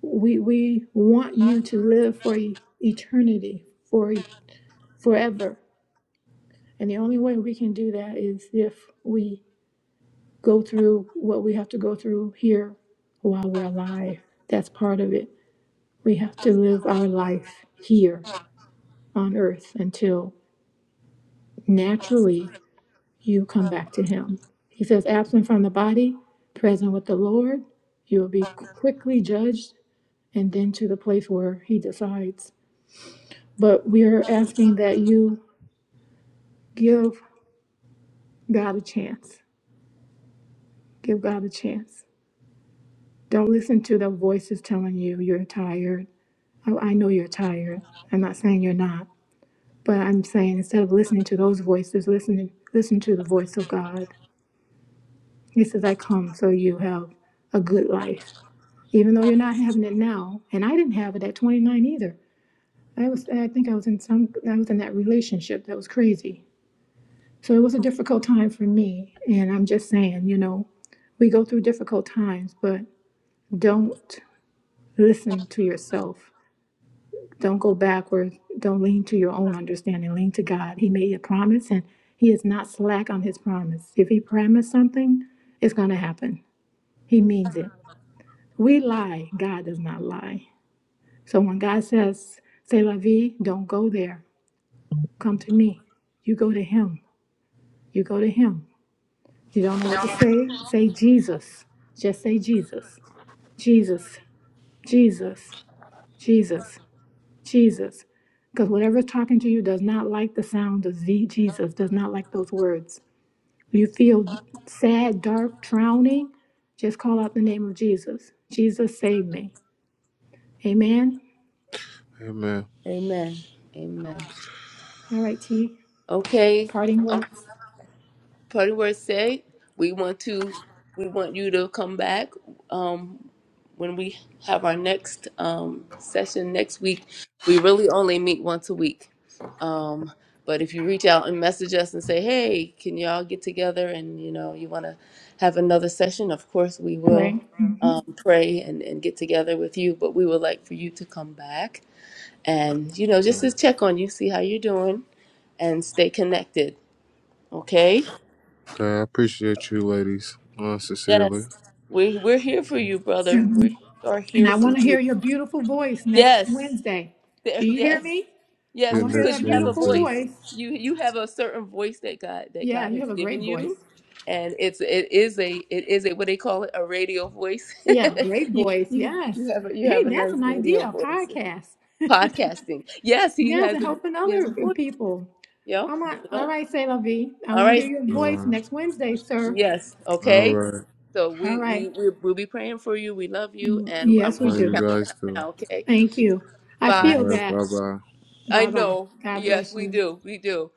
We we want you to live for e-, eternity, for e-, forever And the only way we can do that is if we go through what we have to go through here while we're alive. That's part of it. We have to live our life here on earth until naturally you come back to Him. He says, absent from the body, present with the Lord, you will be quickly judged and then to the place where He decides. But we are asking that you give God a chance. Give God a chance Don't listen to the voices telling you you're tired. I, I know you're tired. I'm not saying you're not, but I'm saying instead of listening to those voices, listen listen to the voice of God. He says, "I come so you have a good life, even though you're not having it now." And I didn't have it at 29 either. I was I think I was in some I was in that relationship that was crazy. So it was a difficult time for me, and I'm just saying, you know, we go through difficult times, but don't listen to yourself. Don't go backward. Don't lean to your own understanding. Lean to God. He made a promise and He is not slack on His promise. If He promised something, it's going to happen. He means it. We lie. God does not lie. So when God says, C'est la vie, don't go there. Come to me. You go to Him. You go to Him. You don't know what to say? Say Jesus. Just say Jesus. Jesus. Jesus. Jesus. Jesus. Because whatever's talking to you does not like the sound of Z Jesus, does not like those words. You feel sad, dark, drowning, just call out the name of Jesus. Jesus, save me. Amen.
Amen.
Amen. Amen.
All right, T,
Okay.
parting words.
Partyworth said, we want to we want you to come back um, when we have our next um, session next week. We really only meet once a week. Um, but if you reach out and message us and say, "Hey, can y'all get together and you know you want to have another session?" Of course, we will
Right. hmm
um, pray and, and get together with you. But we would like for you to come back and you know just to check on you, see how you're doing, and stay connected. Okay.
Okay, I appreciate you ladies, uh, sincerely.
Yes. We we're here for you, brother. We are
And
here
I
for
want to
you.
hear your beautiful voice next
Yes.
Wednesday.
There,
Do you hear
yes.
me? I
Yes,
Get
want to hear
cuz
next
that
you have a
beautiful
Wednesday.
voice.
voice.
You you have a certain voice that God that
Yeah,
God
you
has
have a great
given
voice.
you and it's it is a it is a what they call it a radio voice.
Yeah, great
you,
voice.
you you
Yes.
have a, you
Hey,
have a
that's
nice
an
radio
idea, a
voice.
podcast.
Podcasting. Yes, he
Yes,
has
and
a
helping
he has
other
a voice.
people.
Yep.
I'm like, all
Yep.
right, Sailor V, All right, am like alright sailor vi
All
want to hear
right.
your
All
voice
right.
next Wednesday, sir.
Yes.
All
Okay.
right.
So
All
we
right.
we we we'll be praying for you. We love you, and I'm
Yes, we
How
gonna
do.
you
count
guys
down
too.
now. Okay.
Thank you. I
All
feel
Five.
right.
that.
Bye bye.
I
Bye bye.
know.
God
Yes,
bless
we
you.
do. We do.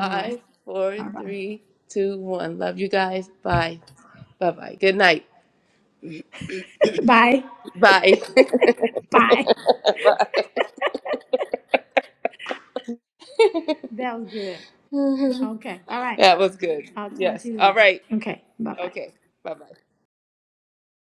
All right.
four,
Bye bye.
three, two, one. Love you guys. Bye. Bye. Bye. Good night.
Bye.
Bye.
Bye.
Bye.
That was good. Okay. All right.
that was good.
I'll talk to
Yes.
you
All
later.
right.
Okay. Bye bye.
Okay. Bye. Bye.